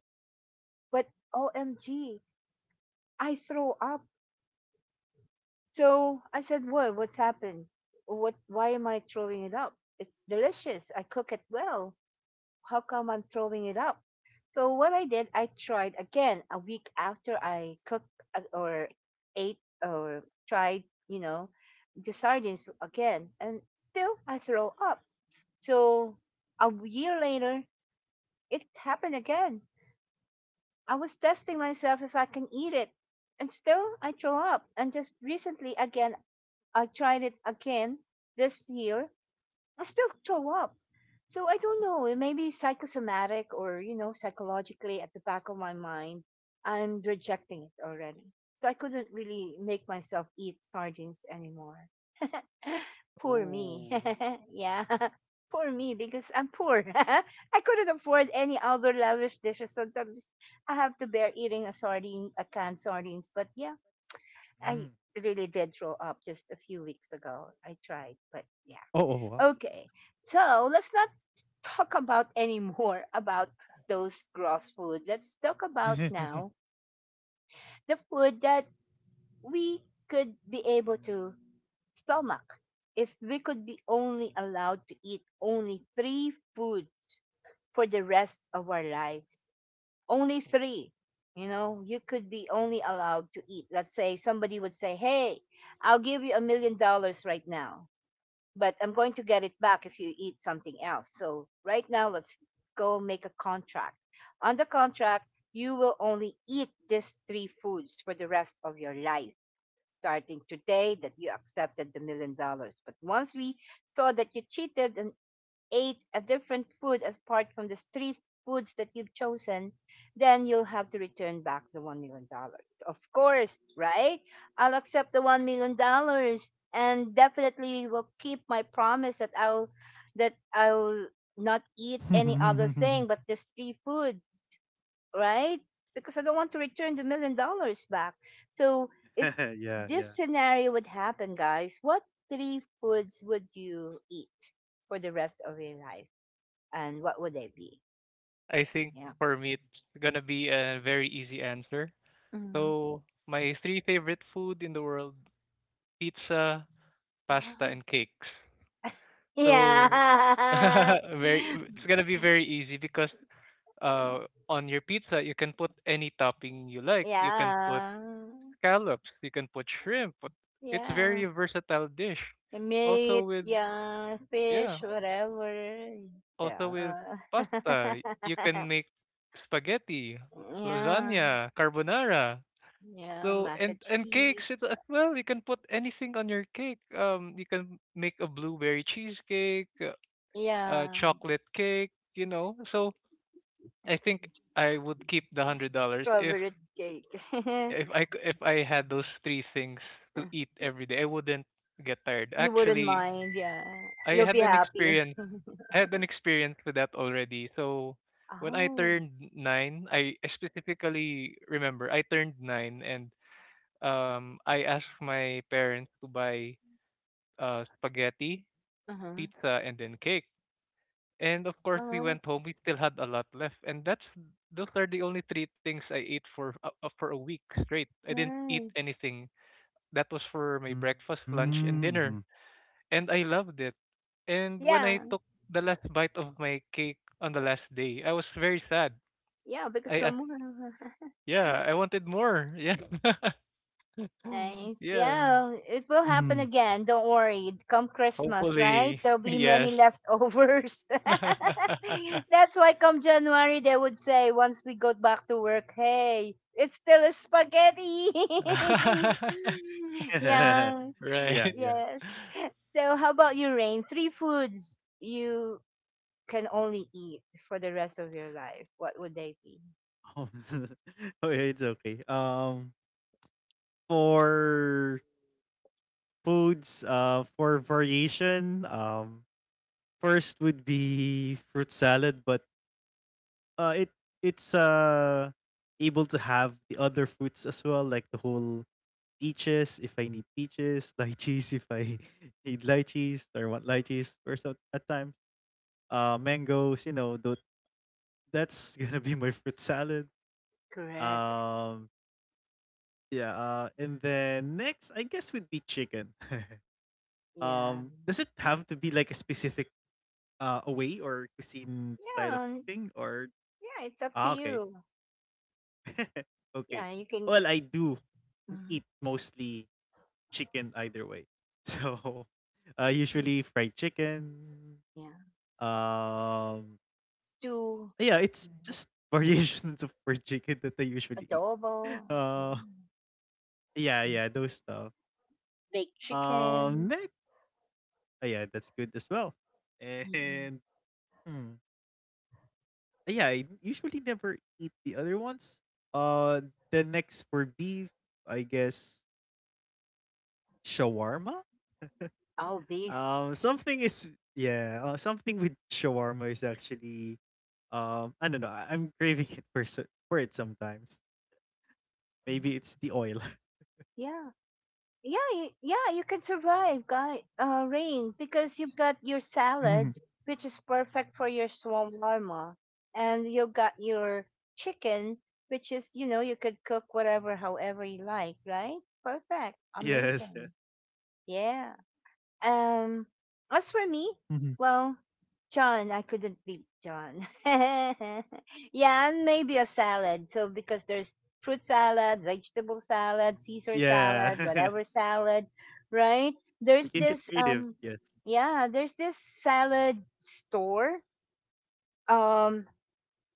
S1: but O M G, I throw up. So I said, "What? What's happened? What? Why am I throwing it up? It's delicious. I cook it well. How come I'm throwing it up?" So what I did, I tried again a week after I cooked, uh, or ate or tried, you know, the sardines again, and still I throw up. So a year later, it happened again. I was testing myself if I can eat it, and still I throw up. And just recently, again, I tried it again this year, I still throw up. So I don't know. It may be psychosomatic or, you know, psychologically at the back of my mind, I'm rejecting it already. So I couldn't really make myself eat sardines anymore. Poor me.
S3: Ooh.
S1: Yeah. Poor me because I'm poor. I couldn't afford any other lavish dishes. so Sometimes I have to bear eating a sardine, a canned sardines. But yeah, I
S2: mm.
S1: really did throw up just a few weeks ago. I tried, but yeah.
S2: Oh, oh, wow.
S1: Okay. So let's not talk about anymore about those gross food. Let's talk about now the food that we could be able to stomach. If we could be only allowed to eat only three food for the rest of our lives, only three, you know, you could be only allowed to eat. Let's say somebody would say, "Hey, I'll give you a million dollars right now, but I'm going to get it back if you eat something else." So right now, let's go make a contract. On the contract, you will only eat these three foods for the rest of your life, starting today that you accepted the million dollars. But once we saw that you cheated and ate a different food apart from the three foods that you've chosen, then you'll have to return back the one million dollars. Dollars. Of course, right? I'll accept the $1 million dollars and definitely will keep my promise that I'll that I'll not eat any other thing
S2: Mhm.
S1: but this three food, right? Because I don't want to return the million dollars back. So if
S2: Yeah,
S1: this
S2: yeah.
S1: scenario would happen, guys, what three foods would you eat for the rest of your life, and what would they be?
S3: I think
S1: Yeah.
S3: for me it's gonna be a very easy answer.
S1: Mm-hmm.
S3: So my three favorite food in the world, pizza, pasta
S1: Oh.
S3: and cakes. So
S1: Yeah.
S3: very it's gonna be very easy because uh on your pizza you can put any topping you like. You can put
S1: Yeah.
S3: scallops, you can put shrimp, but it's
S1: Yeah.
S3: very versatile dish. Also
S1: Meat,
S3: with
S1: yeah,
S3: Yeah,
S1: fish, whatever.
S3: also with
S1: Yeah.
S3: pasta. You can make spaghetti, l-
S1: yeah.
S3: lasagna, carbonara.
S1: Yeah.
S3: So
S1: Mac and
S3: and and cakes
S1: cheese.
S3: it as well. You can put anything on your cake. Um, you can make a blueberry cheesecake. Uh,
S1: Yeah.
S3: chocolate cake, you know. So I think I would keep the hundred dollars if
S1: Strawberry cake.
S3: if I c- if I had those three things to eat every day, I wouldn't get tired.
S1: You wouldn't
S3: Actually,
S1: mind, yeah.
S3: I
S1: You'll
S3: had
S1: be
S3: an
S1: happy.
S3: experience I had an experience with that already. So when I
S1: Oh.
S3: turned nine, I I specifically remember I turned nine and um I asked my parents to buy uh spaghetti,
S1: Uh-huh.
S3: pizza, and then cake. And of course, we
S1: Oh,
S3: went home. We still had a lot left, and that's those are the only three things I ate for uh, uh, for a week straight. I didn't eat
S1: nice.
S3: anything. That was for my breakfast, lunch, and dinner,
S2: Mhm.
S3: and I loved it. And when I
S1: Yeah.
S3: took the last bite of my cake on the last day, I was very sad.
S1: Yeah, because
S3: I
S1: no
S3: asked,
S1: more.
S3: yeah, I wanted more. Yeah,
S1: Nice.
S3: yeah.
S1: Yeah, it will happen
S2: Mhm.
S1: again. Don't worry. Come Christmas, right?
S3: Hopefully,
S1: There'll be
S3: yes.
S1: many leftovers. That's why come January they would say once we go back to work, hey, it's still a spaghetti. Yeah.
S2: Yeah,
S3: right.
S2: yeah.
S1: Yes. So how about you, Rain? Three foods you can only eat for the rest of your life. What would they be?
S2: Oh, okay, it's okay. Um, for foods, uh, for variation, um, first would be fruit salad, but uh, it it's uh able to have the other fruits as well, like the whole peaches if I need peaches, lychees if I need lychees or want lychees or so at times. Uh, mangoes, you know, tho- that's gonna be my fruit salad.
S1: Correct.
S2: Um, yeah. Uh, and then next, I guess would be chicken. Um,
S1: Yeah.
S2: does it have to be like a specific uh away or cuisine style of
S1: Yeah.
S2: thing or
S1: Yeah, it's up to
S2: ah okay,
S1: you. Yeah,
S2: okay.
S1: you can.
S2: Well, I do
S1: Mm,
S2: eat mostly chicken either way, so uh,
S1: yeah,
S2: usually fried chicken.
S1: yeah.
S2: Um,
S1: Stew,
S2: yeah, it's
S1: right.
S2: just variations of fried chicken that I usually eat.
S1: Adobo,
S2: Uh,
S1: yeah.
S2: yeah,
S1: Mhm.
S2: yeah, those stuff.
S1: Baked chicken,
S2: Um, next, oh, yeah, that's good as well.
S1: mm.
S2: And hmm, yeah, I usually never eat the other ones. Uh, the next for beef, I guess shawarma.
S1: All beef.
S2: Um, something is Yeah, uh, something with shawarma is actually um, I don't know. I- I'm craving it for so- for it sometimes. Maybe it's the oil.
S1: Yeah, yeah, yeah. y- yeah. You can survive, guy. Uh, rain, because you've got your salad, which is perfect for your shawarma, and you've got your chicken, which is, you know, you could cook whatever, however you like. Right? Perfect.
S2: Yes.
S1: Amazing. Yeah. Um,
S2: Mhm.
S1: as for me, well, John, I couldn't beat John. Yeah, and maybe a salad. So because there's fruit salad, vegetable salad, Caesar salad,
S2: Yeah.
S1: whatever salad, right?
S2: You can
S1: There's
S2: get
S1: this,
S2: creative,
S1: um,
S2: yes.
S1: yeah, there's this salad store. Um,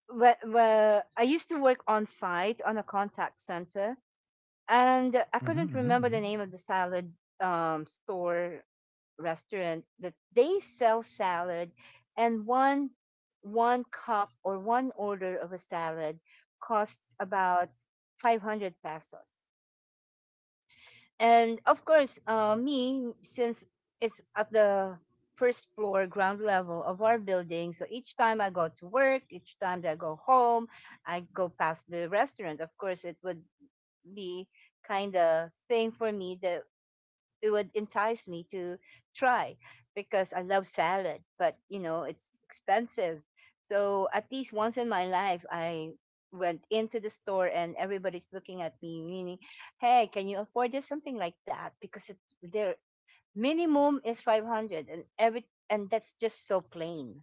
S1: where, where I used to work on site on a contact center, and I
S2: Mhm,
S1: couldn't
S2: mhm, mhm.
S1: remember the name of the salad, um, store, restaurant, that they sell salad. And one one cup or one order of a salad costs about five hundred pesos. And of course, uh, me, since it's at the first floor ground level of our building, so each time I go to work, each time that I go home, I go past the restaurant, of course it would be kind of thing for me that it would entice me to try, because I love salad, but you know, it's expensive. So at least once in my life, I went into the store and everybody's looking at me, meaning, "Hey, can you afford this?" Something like that, because it, their minimum is five hundred, and every, and that's just so plain.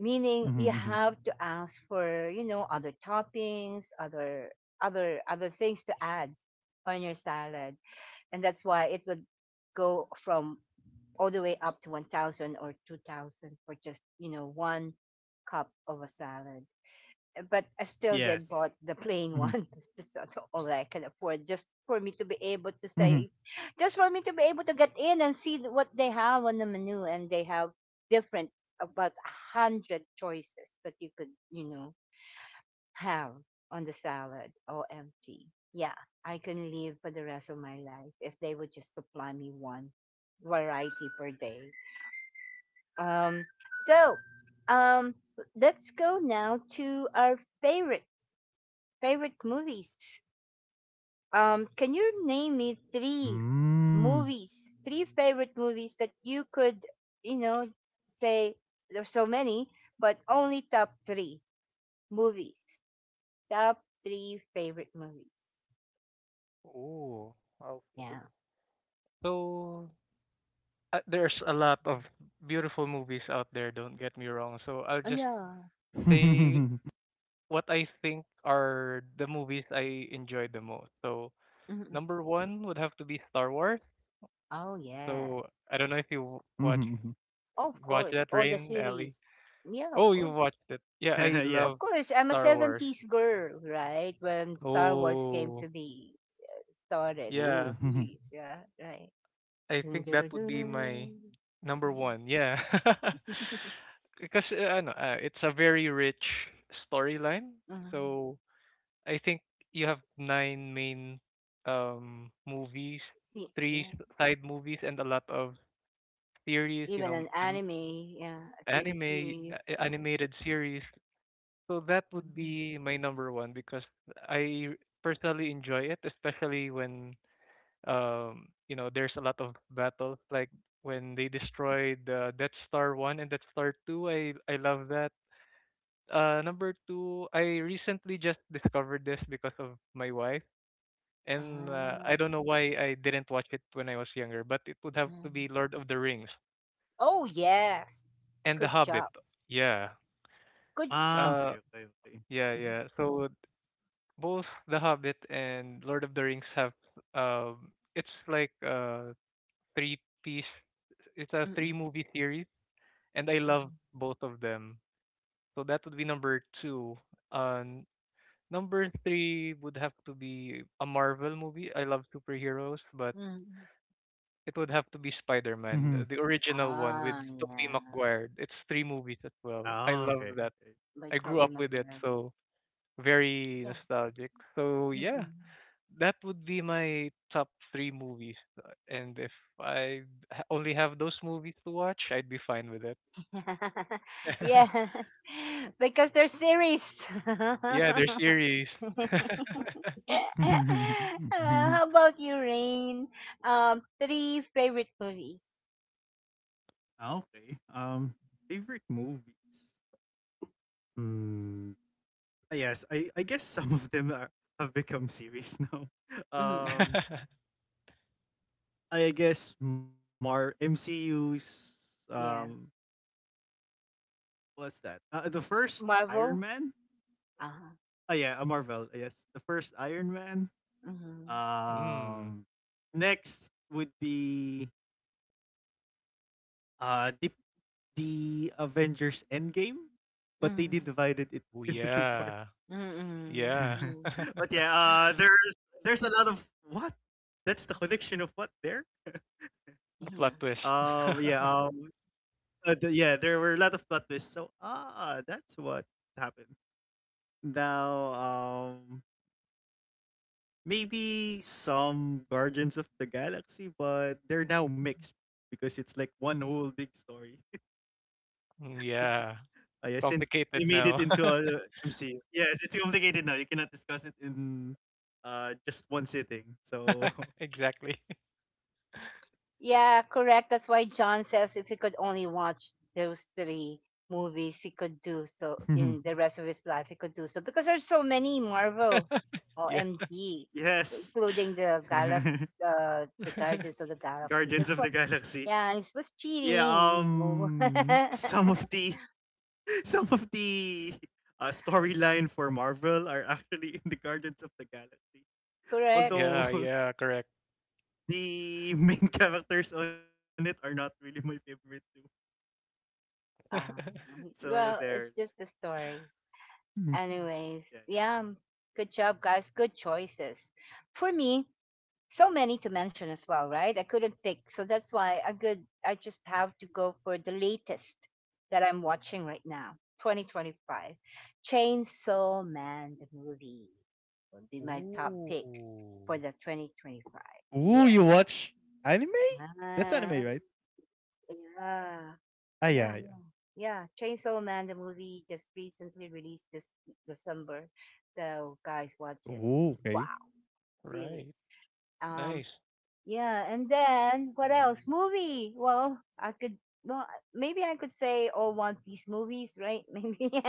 S1: Meaning
S2: Mhm,
S1: you
S2: mhm.
S1: have to ask for, you know, other toppings, other, other, other things to add on your salad, and that's why it would go from all the way up to one thousand or two thousand for just, you know, one cup of a salad. But I still did
S2: Yes.
S1: bought the plain
S2: Mhm,
S1: one. It's just all I can afford, just for me to be able to
S2: mhm.
S1: say, just for me to be able to get in and see what they have on the menu. And they have different about a hundred choices that you could, you know, have on the salad. O M G. Yeah, I can live for the rest of my life if they would just supply me one variety per day. Um, so, um, let's go now to our favorite favorite movies. Um, can you name me three
S2: Mm.
S1: movies, three favorite movies that you could, you know, say there's so many, but only top three movies, top three favorite movies.
S3: Oh, okay.
S1: Yeah.
S3: So uh, there's a lot of beautiful movies out there, don't get me wrong. So I'll
S1: Oh,
S3: just
S1: yeah.
S3: say
S2: Mhm,
S3: what I think are the movies I enjoyed the most. So
S1: Mm-mm.
S3: number one would have to be Star Wars.
S1: Oh, yeah.
S3: So I don't know if you w- watch
S2: mhm.
S1: Of
S3: watch
S1: course,
S3: that
S1: all the
S3: Rain, Ellie.
S1: series. Yeah, of
S3: Oh, you
S1: course.
S3: watched it. Yeah, I
S2: Yes.
S1: Of
S3: love
S1: course, I'm a
S3: Star Wars.
S1: seventies girl, right? When Star Wars came
S3: Oh,
S1: to be started, the
S3: yeah.
S2: Ooh.
S1: series, yeah, right.
S3: I
S1: Dun,
S3: think
S1: dun,
S3: that
S1: dun,
S3: would be my
S1: dun.
S3: number
S1: Mm,
S3: one. Yeah. Because uh, ano, uh, it's a very rich storyline.
S1: mm.
S3: So I think you have nine main um movies,
S1: See,
S3: three
S1: yeah.
S3: s- side movies and a lot of series, you
S1: Even
S3: know,
S1: an
S3: um,
S1: anime, yeah, a T V
S3: anime uh,
S1: series,
S3: a-
S1: yeah.
S3: animated series. So that would
S1: Mhm.
S3: be my number one because I personally enjoy it, especially when um you know there's a lot of battle like when they destroyed uh, Death Star one and Death Star two. I I love that. Uh, number two, I recently just discovered this because of my wife. And uh,
S1: Ah,
S3: I don't know why I didn't watch it when I was younger, but it would have to
S1: mm.
S3: be Lord of the Rings
S1: Oh, yes.
S3: and The
S1: Good
S3: Hobbit,
S1: job.
S3: yeah.
S1: Good
S2: Ah,
S1: job.
S3: Uh,
S2: okay, okay, okay.
S3: yeah
S1: Mhm.
S3: yeah so both The Hobbit and Lord of the Rings have, um it's like uh three piece, it's a three
S1: Mm-mm.
S3: movie series, and I love
S1: Mhm.
S3: both of them. So that would be number two. And number three would have to be a Marvel movie. I love superheroes, but
S1: Mm.
S3: it would have to be Spider
S2: Mhm.
S3: Man, the original one with
S1: Ah,
S3: Tobey
S1: yeah.
S3: Maguire. It's three movies as well. I
S2: Ah,
S3: love
S2: okay,
S3: that.
S2: okay.
S1: By
S3: I grew
S1: Toby
S3: up with it,
S1: Maguire.
S3: so very
S1: Yeah.
S3: nostalgic. So
S1: Yeah.
S3: yeah,
S1: Mm-mm.
S3: that would be my top three movies. Uh, And if I ha- only have those movies to watch, I'd be fine with it.
S1: Yes. Because they're series.
S3: Yeah, they're series.
S1: Uh, how about
S2: Mhm.
S1: you, Rain? Um, three favorite movies.
S2: Ah, okay. Um, favorite movies? Mm, ah, yes, I I guess some of them are have become series now.
S1: Mm-mm.
S2: Um I guess Mar M C U's
S1: Yeah.
S2: um what's that? Uh, the first
S1: Marvel.
S2: Iron Man?
S1: Uh-huh.
S2: Oh yeah, a Marvel, yes. The first Iron Man.
S1: Mm-hmm.
S3: Mm.
S2: Um, next would be uh the, the Avengers Endgame, but they did divided it
S3: Oh,
S2: into two parts.
S3: yeah.
S1: Mm-hmm.
S3: Yeah.
S1: Mm-hmm.
S2: But yeah, uh there's there's a lot of what? That's the connection of what there?
S3: A
S1: Yeah.
S3: plot twist.
S2: Um, yeah, um, uh, the- yeah, there were a lot of plot twists. So ah, that's what happened. Now, um, maybe some Guardians of the Galaxy, but they're now mixed because it's like one whole big story.
S3: Mm, yeah.
S2: Uh, yeah, since they made
S3: Complicated
S2: it
S3: now.
S2: into a M C U. Yes, it's complicated now. You cannot discuss it in uh just one sitting. So
S3: Exactly.
S2: yes,
S1: Yeah, correct. That's why John says if he could only watch those three movies, he could do
S2: Mhm.
S1: so in the rest of his life. He could do so because there's so many Marvel,
S3: Yeah.
S1: O M G,
S2: yes,
S1: including the Galaxy, uh, the Guardians of the Galaxy.
S2: Guardians
S1: That's
S2: of the
S1: what.
S2: Galaxy.
S1: Yeah, it was
S2: Yeah.
S1: cheating. You know.
S2: Um, some of the some of the uh, storyline for Marvel are actually in the Guardians of the Galaxy.
S1: Correct.
S3: Yeah,
S2: Although
S3: yeah, correct.
S2: the main characters on it are not really my favorite too.
S1: Um,
S2: So there.
S1: well, it's just a story.
S2: Hmm. Yeah, yeah.
S1: Anyways, yeah, good job, guys. Good choices. For me, so many to mention as well, right? I couldn't pick. So that's why I could I just have to go for the latest that I'm watching right now. twenty twenty-five. Chainsaw Man the movie would be my top pick for
S3: Ooh.
S1: the twenty twenty-five.
S2: Ooh,
S1: Yeah.
S2: you watch anime? That's
S1: Um,
S2: anime, right?
S1: yeah. Uh,
S2: Ah, yeah,
S1: Yeah,
S2: yeah.
S1: yeah. Yeah, Chainsaw Man the movie just recently released this December. So guys watch it.
S2: Ooh,
S1: Wow.
S2: okay.
S1: Really.
S3: Right. Nice.
S1: Um, yeah, and then what else? Movie. Well, I could. Well, maybe I could say all One Piece movies, right? Maybe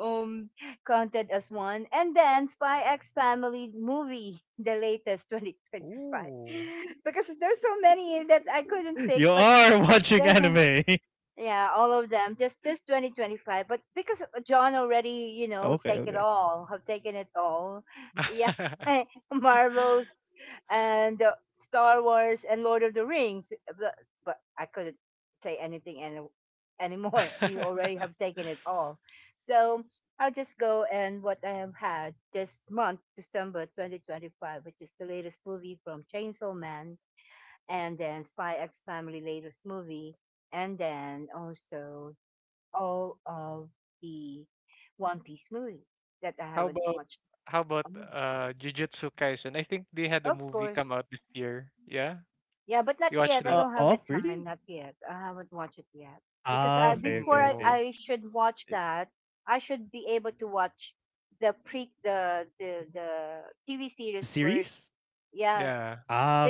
S1: um, counted as one. And then Spy X Family movie, the latest twenty twenty five,
S3: Ooh.
S1: because there's so many that I couldn't pick.
S2: You
S1: But
S2: are watching anime.
S1: the-
S2: Okay,
S1: yeah, all of them. Just this twenty twenty five. But because John already, you know, take it
S2: okay.
S1: all, have taken it all. Yeah, Marvel, and, uh, Star Wars and Lord of the Rings. Eh, But, but I couldn't say anything any, anymore. You already have taken it all. So I'll just go and what I have had this month, December twenty twenty-five, which is the latest movie from Chainsaw Man, and then Spy X Family latest movie, and then also all of the One Piece movie that I
S3: How
S1: haven't
S3: about
S1: watched.
S3: how about
S1: Um,
S3: uh, Jujutsu Kaisen? I think they had a
S1: Of
S3: movie come
S1: course,
S3: out this year. Yeah.
S1: yeah, but not
S3: You watch
S1: yet. I
S3: that?
S2: Uh,
S1: don't have the
S2: oh,
S1: time.
S2: really?
S1: Not yet. I haven't watched it yet because I
S2: Ah, okay,
S1: before I,
S2: okay,
S3: Mm,
S1: I
S2: okay.
S1: should watch
S2: Uh,
S1: that, I should be able to watch the pre the the the T V series first.
S2: series?
S1: Yes,
S3: yeah.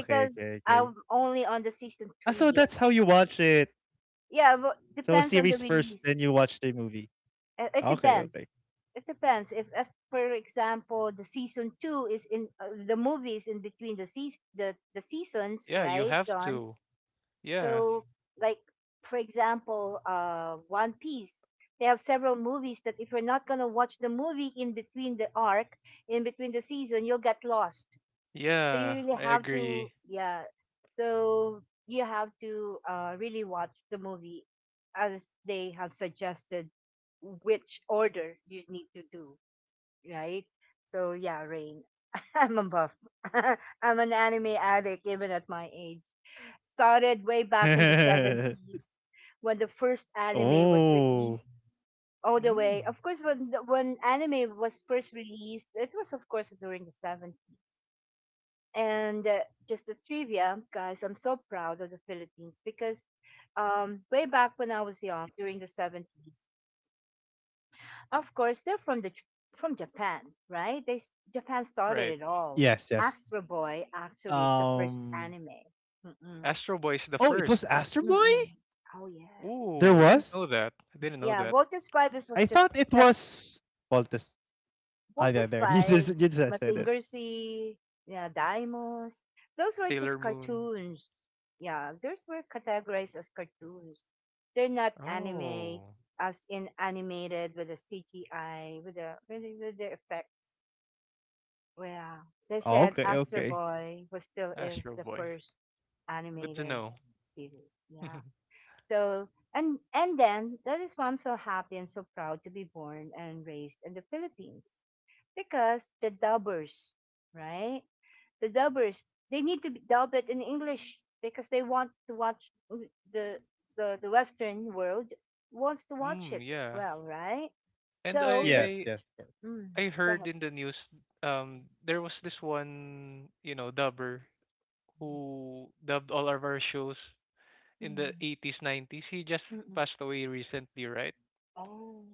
S2: Ah, okay,
S1: I'm
S2: okay, okay.
S1: only on the season
S2: Ah,
S1: two
S2: so
S1: yet.
S2: that's how you watch it.
S1: Yeah, but
S2: So
S1: depends on the
S2: series first,
S1: release.
S2: then you watch the movie.
S1: Uh, It
S2: Okay,
S1: depends.
S2: okay.
S1: It depends. If, if for example, the season two is in, uh, the movies in between the seas the, the seasons,
S3: Yeah, you
S1: right,
S3: have
S1: John?
S3: to. Yeah.
S1: So, like for example, uh, One Piece. They have several movies that if you're not gonna watch the movie in between the arc, in between the season, you'll get lost. So you
S3: Yeah,
S1: really
S3: I
S1: have to,
S3: agree.
S1: yeah. So you have to uh, really watch the movie as they have suggested which order you need to do, right? So yeah, Rain. I'm a buff. I'm an anime addict even at my age started way back in the seventies when the first anime was
S2: Oh,
S1: released. All the way,
S3: Mm,
S1: of course, when the- when anime was first released, it was of course during the seventies. And uh, just a trivia, guys, I'm so proud of the Philippines because um, way back when I was young, during the seventies, of course, they're from the J- from Japan, right? They s- Japan started
S3: right.
S1: it all.
S2: yes, yes.
S1: Astro Boy actually is the first
S2: Um.
S1: anime. Mm-mm.
S3: Astro Boy is
S2: Oh,
S3: the
S2: it was
S3: first.
S2: Astro Boy.
S1: Mm-mm. Oh yeah.
S2: There
S3: Ooh, I didn't
S2: was.
S3: know that. I didn't know
S1: Yeah,
S3: that.
S1: Voltes Five is
S2: I
S1: was
S2: thought
S1: just
S2: it
S1: that
S2: was Voltes. Ah, there,
S1: Voltes
S2: there. You
S1: Five,
S2: just you just said it.
S1: Mazinger Z, yeah, Daimos. Those were
S3: Sailor
S1: just
S3: Moon.
S1: cartoons. Yeah, those were categorized as cartoons. They're not anime,
S3: Oh,
S1: as in animated with the C G I, with the with the, with the effect. Yeah, they
S2: Oh,
S1: said
S2: okay,
S1: Astro
S2: okay.
S1: Boy was still is
S3: Astro
S1: the
S3: Boy.
S1: first
S3: Good to
S1: animated
S3: know.
S1: series. Yeah. So and and then that is why I'm so happy and so proud to be born and raised in the Philippines because the dubbers, right? The dubbers they need to be- dub it in English because they want to watch mm, the the the Western world wants to watch
S3: Mm,
S1: it as
S3: yeah.
S1: well, right?
S3: And I
S1: So the
S2: Yes, yes, of course.
S1: mm,
S3: I I
S1: Go
S3: heard
S1: ahead.
S3: in the news um there was this one, you know, dubber who dubbed all of our shows in the
S1: Mm,
S3: eighties, nineties. He just
S1: mm-mm.
S3: passed away recently, right?
S1: Oh,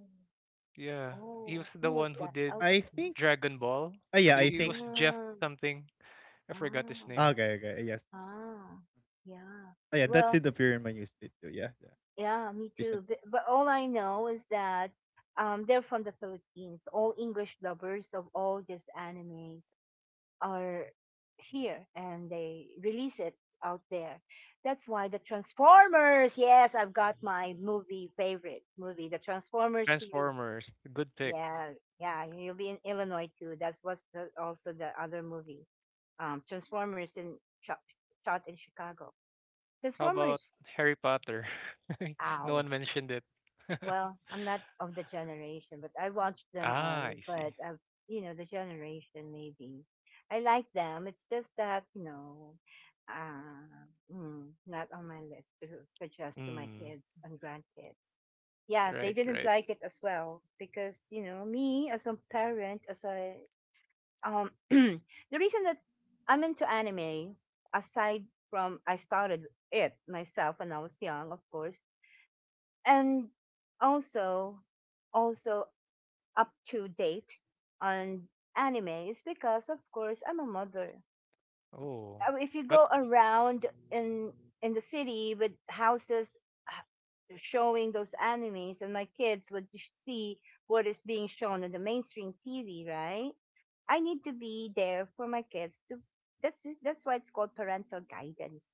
S3: Yeah. He was
S1: oh, who
S3: the one
S1: was
S3: who
S1: that?
S3: did
S1: Al
S2: I
S1: Pacino.
S2: think.
S3: Dragon Ball.
S2: Ah, yeah,
S3: It,
S2: I
S3: it was
S2: think.
S3: Jeff
S1: Ah,
S3: something. I forgot his
S1: ah,
S3: name.
S2: Ah, okay, okay. Yes.
S1: ah, yeah.
S2: Ah, yeah, that
S1: Well,
S2: did appear in my newsfeed too. Yeah, yeah.
S1: yeah, me too. But,
S2: Recently.
S1: but all I know is that um, they're from the Philippines. All English lovers of all these animes are here and they release it out there. That's why the Transformers, yes, I've got my movie favorite movie, the Transformers series.
S3: Transformers. Good pick.
S1: Yeah, yeah, you'll be in Illinois too. That's what's the, also the other movie. Um, Transformers in shot, shot in Chicago.
S3: How about
S1: Transformers,
S3: Harry Potter? No
S1: ow.
S3: one mentioned it.
S1: Well, I'm not of the generation, but I watched them all.
S3: Ah, I
S1: But
S3: see.
S1: I've, you know, the generation maybe. I like them. It's just that you know, uh, mm, not on my list to suggest to my
S3: Mm,
S1: kids and grandkids. Yeah, they
S3: right,
S1: didn't
S3: right.
S1: like it as well because you know me as a parent, as a um, the reason that I'm into anime, aside from I started it myself when I was young, of course, and also also up to date on anime is because of course I'm a mother.
S3: Oh,
S1: Uh, If you
S3: but
S1: go around in in the city with houses h- showing those animes and my kids would sh- see what is being shown on the mainstream T V, right? I need to be there for my kids to that's just, that's why it's called parental guidance,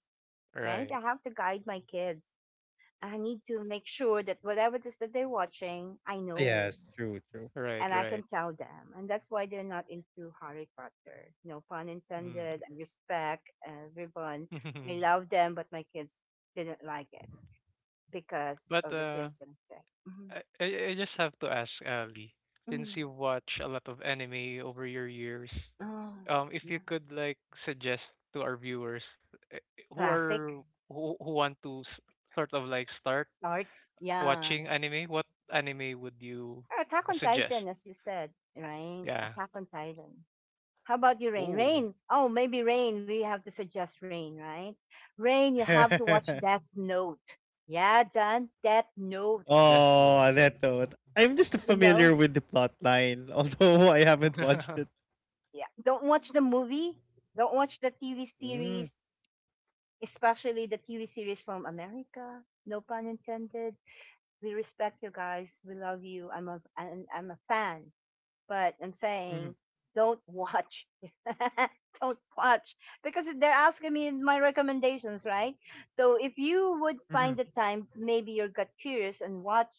S1: right?
S3: right,
S1: I have to guide my kids. I need to make sure that whatever it is that they're watching, I
S2: Ah,
S1: know
S2: yes, true, true.
S3: right,
S1: and I can
S3: right.
S1: tell them. And that's why they're not into Harry Potter. No pun intended. I respect everyone. I
S3: Mm.
S1: love them, but my kids didn't like it because
S3: But
S1: of the
S3: uh,
S1: things that I said. Mm-hmm.
S3: I, I I just have to ask Ali, since
S1: Mm.
S3: you watch a lot of anime over your years,
S1: Oh,
S3: um, if you
S1: yeah.
S3: could like suggest to our viewers, eh, who
S1: Classic
S3: are who who want to s- sort of like start
S1: start. Yeah.
S3: watching anime, what anime would you
S1: Attack on
S3: suggest?
S1: Titan, as you said, right?
S3: Yeah.
S1: Attack on Titan. How about you, Rain?
S3: Oh,
S1: Rain. Oh, maybe Rain. We have to suggest Rain, right? Rain, you have to watch Death Note. Yeah, John, Death Note.
S3: Death Note.
S2: Oh, that thought. I'm just
S1: You know,
S2: familiar with the plot line, although I haven't watched it.
S1: yeah. Don't watch the movie. Don't watch the T V
S2: Mm,
S1: series, especially the T V series from America. No pun intended. We respect you guys. We love you. I'm a, I'm, I'm a fan. But I'm saying
S2: mhm,
S1: don't watch. Don't watch because they're asking me my recommendations, right? So if you would
S2: mhm.
S1: find the time, maybe you got curious and watch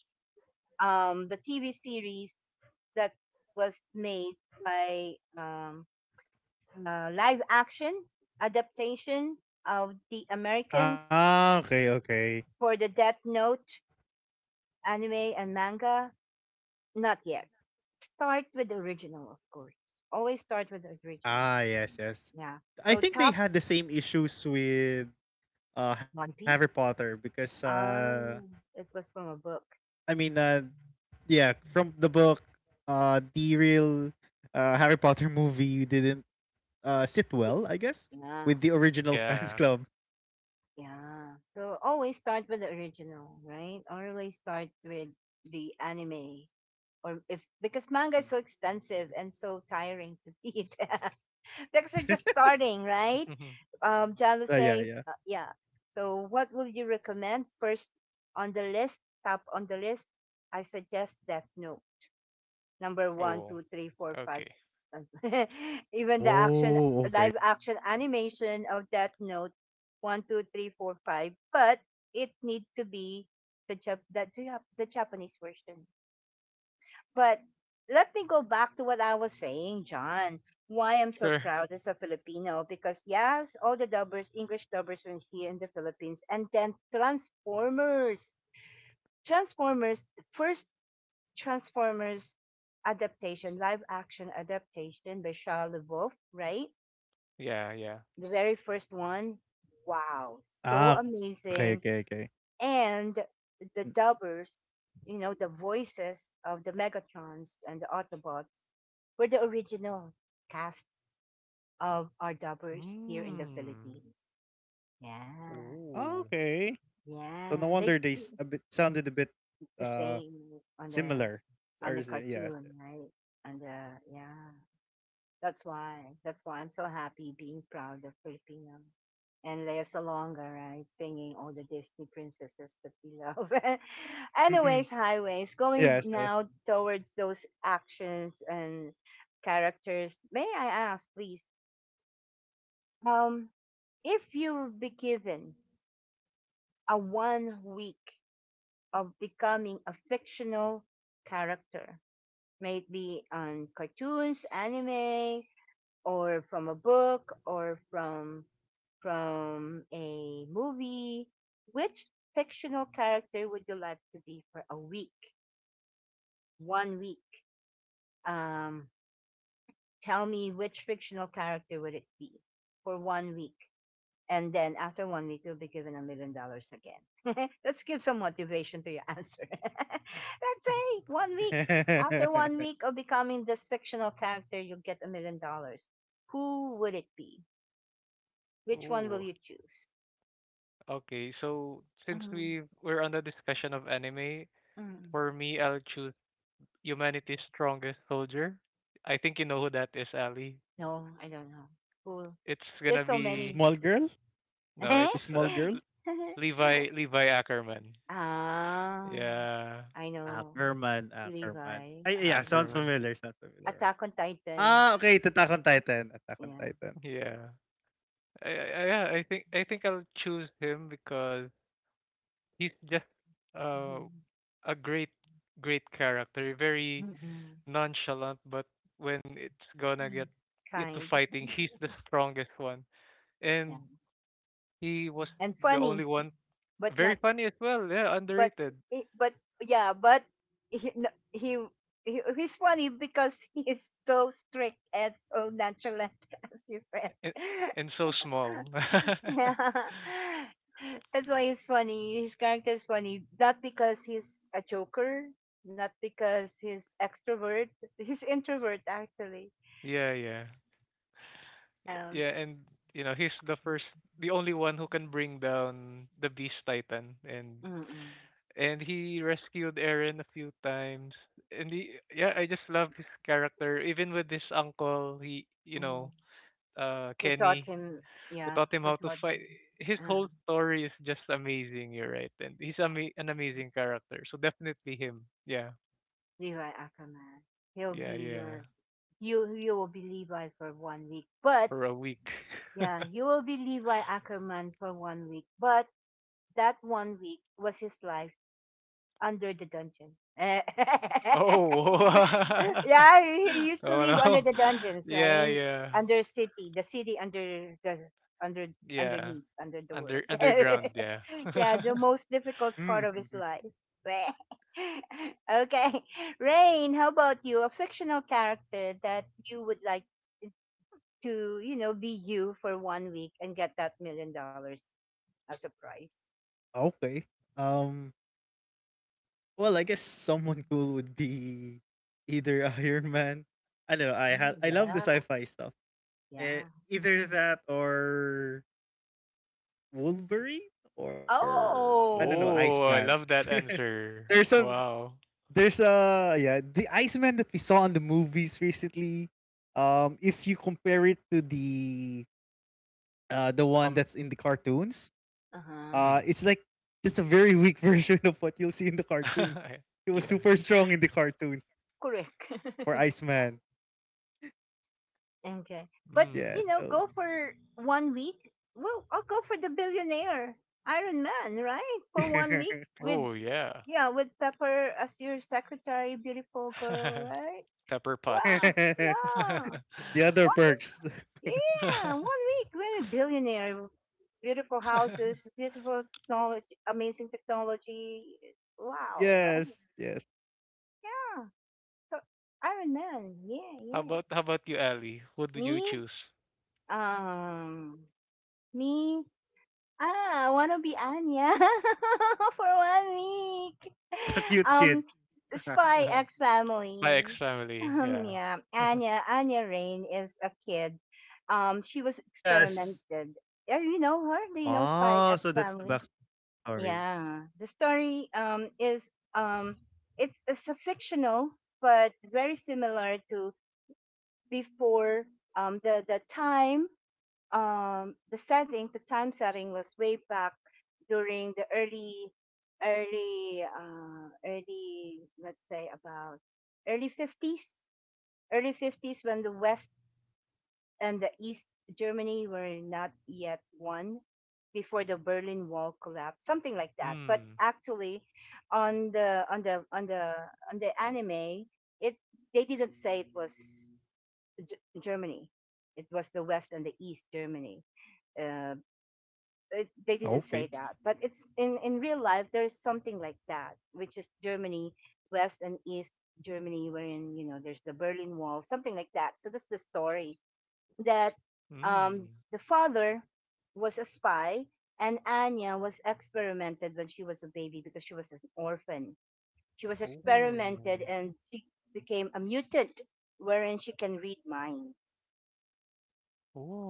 S1: um, the T V series that was made by um, uh, live action adaptation of the Americans
S2: Ah, okay, okay.
S1: for the Death Note anime and manga. Not yet. Start with the original, of course. Always start with the original.
S2: Ah, yes, yes.
S1: Yeah.
S2: I
S1: So
S2: think they
S1: top
S2: had the same issues with uh, Harry
S1: One Piece.
S2: Potter because uh,
S1: Um, it was from a book.
S2: I mean, uh, yeah, from the book, uh, the real uh, Harry Potter movie didn't uh, sit well, I guess,
S1: Yeah,
S2: with the original fans
S3: Yeah.
S2: club.
S1: yeah. So always start with the original, right? Always start with the anime, or if because manga is
S2: Hmm
S1: so expensive and so tiring to read, because you're just starting, right? Um, Jalo
S2: Uh, yeah,
S1: says, uh,
S2: yeah.
S1: yeah. So what will you recommend first on the list? Top on the list, I suggest Death Note. Number one,
S3: Oh,
S1: two, three, four, five,
S3: okay.
S1: six, seven. Even the action,
S2: Oh, okay.
S1: live action animation of Death Note, one, two, three, four, five. But it need to be the Jap- that do you have the Japanese version. But let me go back to what I was saying, John. Why I'm so
S3: Sure.
S1: proud as a Filipino because yes, all the dubbers, English dubbers were here in the Philippines, and then Transformers. Transformers, the first Transformers adaptation, live action adaptation by Shia LaBeouf, right?
S3: Yeah, yeah.
S1: The very first one. Wow, so
S2: Ah, okay, okay,
S1: amazing.
S2: okay.
S1: And
S2: Mm.
S1: the dubbers, you know, the voices of the Megatrons and the Autobots were the original cast of our dubbers here in the
S3: Hmm.
S1: Philippines. Yeah,
S3: Ooh.
S2: Okay. So no
S1: yeah. They
S2: wonder they
S1: do
S2: s- a bit sounded a bit
S1: the
S2: uh
S1: same on the
S2: similar. Or
S1: on the
S2: is it- yes.
S1: cartoon, right? On the yeah. That's why. That's why I'm so happy being proud of Filipino. And Lea Salonga, right? Singing all the Disney princesses that we love.
S2: Mm-hmm.
S1: Anyways, highways.
S2: Yes.
S1: Going
S2: Yes.
S1: now towards those actions and characters. May I ask, please, um, if you would be given a one week of becoming a fictional character, may it be on cartoons, anime, or from a book or from from a movie, which fictional character would you like to be for a week? One week. Um, Tell me which fictional character would it be for one week? And then after one week, you'll be given a million dollars again. Let's give some motivation to your answer. Let's say one week. After one week of becoming this fictional character, you'll get a million dollars. Who would it be? Which one will
S3: Ooh.
S1: you choose?
S3: Okay, so since
S1: Mm,
S3: we we're on the discussion of anime,
S1: mm.
S3: for me, I'll choose Humanity's Strongest Soldier. I think you know who that is, Ali.
S1: No, I don't know. Cool.
S3: It's
S1: There's
S3: gonna
S1: so many.
S3: be
S2: Small girl?
S3: no, it's uh,
S2: Small girl?
S3: L- Levi, Levi Ackerman.
S1: ah,
S3: Yeah,
S1: I
S2: Ah,
S1: know.
S2: Kerman, ah, Kerman.
S1: Levi,
S2: Ay, yeah,
S1: actually.
S2: sounds
S3: Ackerman.
S2: familiar, sounds familiar.
S1: Attack on Titan.
S2: Ah, okay, to Attack on Titan, Attack on
S1: Yeah.
S2: Titan.
S3: Yeah, I, I, yeah. I think I think I'll choose him because he's just uh
S1: Mhm.
S3: a great great character, very
S1: Mm-mm.
S3: nonchalant, but when it's gonna get
S1: Sweet,
S3: into
S1: kind.
S3: fighting, he's the strongest one.
S1: Yeah.
S3: And he was
S1: And
S3: the only
S1: funny,
S3: one
S1: but
S3: very
S1: not,
S3: funny as well, yeah,
S1: but,
S3: underrated.
S1: i- but, yeah, but he, no, he, he, he's funny because he is so strict and so nonchalant, as you said.
S3: And, and so small.
S1: Yeah, that's why he's funny. His character is funny. Not because he's a joker, not because he's extrovert. He's introvert actually.
S3: Yeah, yeah.
S1: Um,
S3: Yeah, and you know, he's the first, the only one who can bring down the beast titan, and
S1: mm-mm,
S3: and he rescued Eren a few times. And he, yeah, I just love his character. Even with his uncle, he you
S1: mm.
S3: know, uh,
S1: Who taught
S3: Kenny,
S1: him?
S3: who
S1: Yeah,
S3: taught him
S1: who
S3: how to
S1: taught
S3: fight. His
S1: him? Uh,
S3: whole story is just amazing. You're right, and he's ama- an amazing character. So definitely him. Yeah,
S1: Levi Ackerman. He'll
S3: yeah,
S1: be
S3: yeah.
S1: your you. You will be Levi for one week, but
S3: For a week.
S1: yeah, you will be Levi Ackerman for one week, but that one week was his life under the dungeon. Eh.
S3: Oh.
S1: Yeah, he he used to
S3: Oh
S1: live under
S3: no.
S1: the dungeons,
S3: Yeah,
S1: right?
S3: yeah,
S1: Under city, the city under the under
S3: yeah.
S1: underneath under the
S3: Under
S1: world.
S3: underground. Yeah.
S1: Yeah, the most difficult part of his
S2: Mm,
S1: life.
S2: mhm.
S1: Okay, Rain, how about you? A fictional character that you would like to, you know, be you for one week and get that million dollars as a prize.
S2: Okay. Um, well, I guess someone cool would be either Iron Man. I don't know. I
S1: Mm,
S2: had I love the
S1: yeah.
S2: sci-fi stuff.
S1: Yeah.
S2: Eh, either that or Wolverine or I don't know
S1: Oh.
S3: Oh,
S2: Iceman.
S3: I love that
S2: There's
S3: answer.
S2: some
S3: Wow.
S2: there's a yeah, the Iceman that we saw in the movies recently. Um, if you compare it to the uh the one
S3: Um.
S2: that's in the cartoons,
S1: Uh-huh.
S2: uh,
S3: Mm.
S2: it's like just a very weak version of what you'll see in the cartoons. He was
S1: Uh,
S3: Yeah.
S2: super strong in the cartoons
S1: Correct.
S2: for Iceman.
S1: Okay. But,
S2: Yeah,
S3: Mm.
S1: you know,
S2: so
S1: go for one week. Well, I'll go for the billionaire Iron Man, right? For one week with,
S3: Oh yeah.
S1: yeah, with Pepper as your secretary, beautiful girl, right?
S3: Pepper pots.
S1: Wow.
S2: the
S1: Yeah.
S2: other
S1: One
S2: perks.
S1: week. Yeah. One week with a billionaire. Beautiful houses, beautiful technology, amazing technology. Wow, right?
S2: Yes, yes.
S1: Yeah. So Iron Man. Yeah,
S3: How
S1: yeah.
S3: about how about you, Ellie? What do
S1: Me?
S3: you choose?
S1: Um, Me? Ah, I wanna be Anya for one week.
S2: The cute kid.
S1: Um, Spy X
S3: My ex
S1: Family.
S3: family,
S1: Um,
S3: yeah.
S1: yeah, Anya. Anya Rain is a kid. Um, she was
S2: yes.
S1: experimented. Yeah, you know her. Do you know Spy X
S2: Oh, so that's
S1: Family?
S2: the backstory.
S1: Yeah, the story um is um it's, it's a fictional but very similar to before um the the time um, the setting, the time setting was way back during the early, early, uh, early, let's say about early fifties, early fifties when the West and the East Germany were not yet one before the Berlin Wall collapsed, something like that. But
S3: Mm.
S1: actually, on the on the on the on the anime, it they didn't say it was G- Germany. It was the West and the East Germany uh, it, they didn't
S2: Okay.
S1: say that but it's in in real life there's something like that which is Germany, West and East Germany, wherein you know there's the Berlin Wall, something like that. So that's the story that um
S3: Mm.
S1: the father was a spy and Anya was experimented when she was a baby because she was an orphan. She was experimented
S3: Oh.
S1: and she became a mutant wherein she can read minds,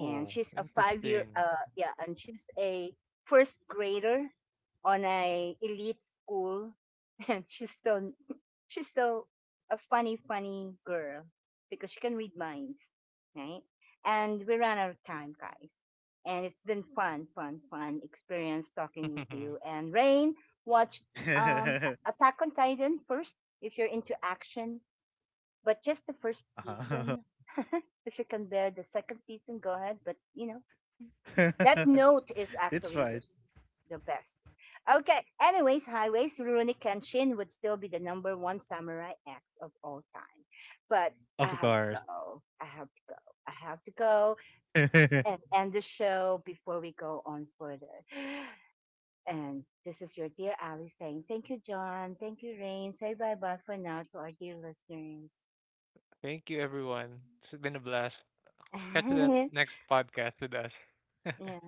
S1: and she's a five year
S3: Interesting.
S1: uh yeah, and she's a first grader on a elite school, and she's so she's so a funny, funny girl because she can read minds, right? And we ran out of time, guys. And it's been fun, fun, fun experience talking with you. And Rain, watch um, Attack on Titan first if you're into action, but just the first season. If you can bear the second season, go ahead. But you know, that note is
S2: It's fine.
S1: actually the best. Okay. Anyways, highways, Rurouni Kenshin would still be the number one samurai act of all time. But
S2: Of
S1: I have
S2: course.
S1: to go. I have to go. I have to go and end the show before we go on further. And this is your dear Ali saying, thank you, John. Thank you, Rain. Say bye bye for now to our dear listeners.
S3: Thank you, everyone. It's been a blast. Catch you at next podcast with us.
S1: Yeah.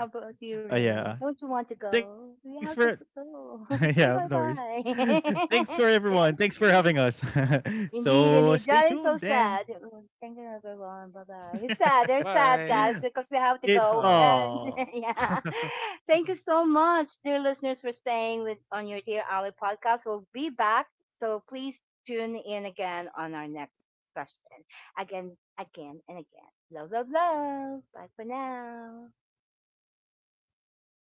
S1: How about you,
S2: Uh,
S1: Rain?
S2: yeah.
S1: Don't you want to
S2: Thanks
S1: go?
S2: for
S1: We have to s-
S2: yeah,
S1: go.
S2: of worries.
S1: Say bye bye.
S2: Thanks for everyone. Thanks for having us. So
S1: Indeed,
S2: stay
S1: indeed.
S2: tuned
S1: John is so
S2: then.
S1: sad. Oh, thank you, everyone. Bye bye. He's sad. They're sad,
S3: Bye.
S1: guys, because we
S2: it
S1: have to go.
S3: Aw.
S1: And
S2: oh
S1: yeah. Thank you so much, dear listeners, for staying with on your Dear Ali podcast. We'll be back. So please tune in again on our next session. Again, again, and again. Love, love, love. Bye for now.
S2: bye for now.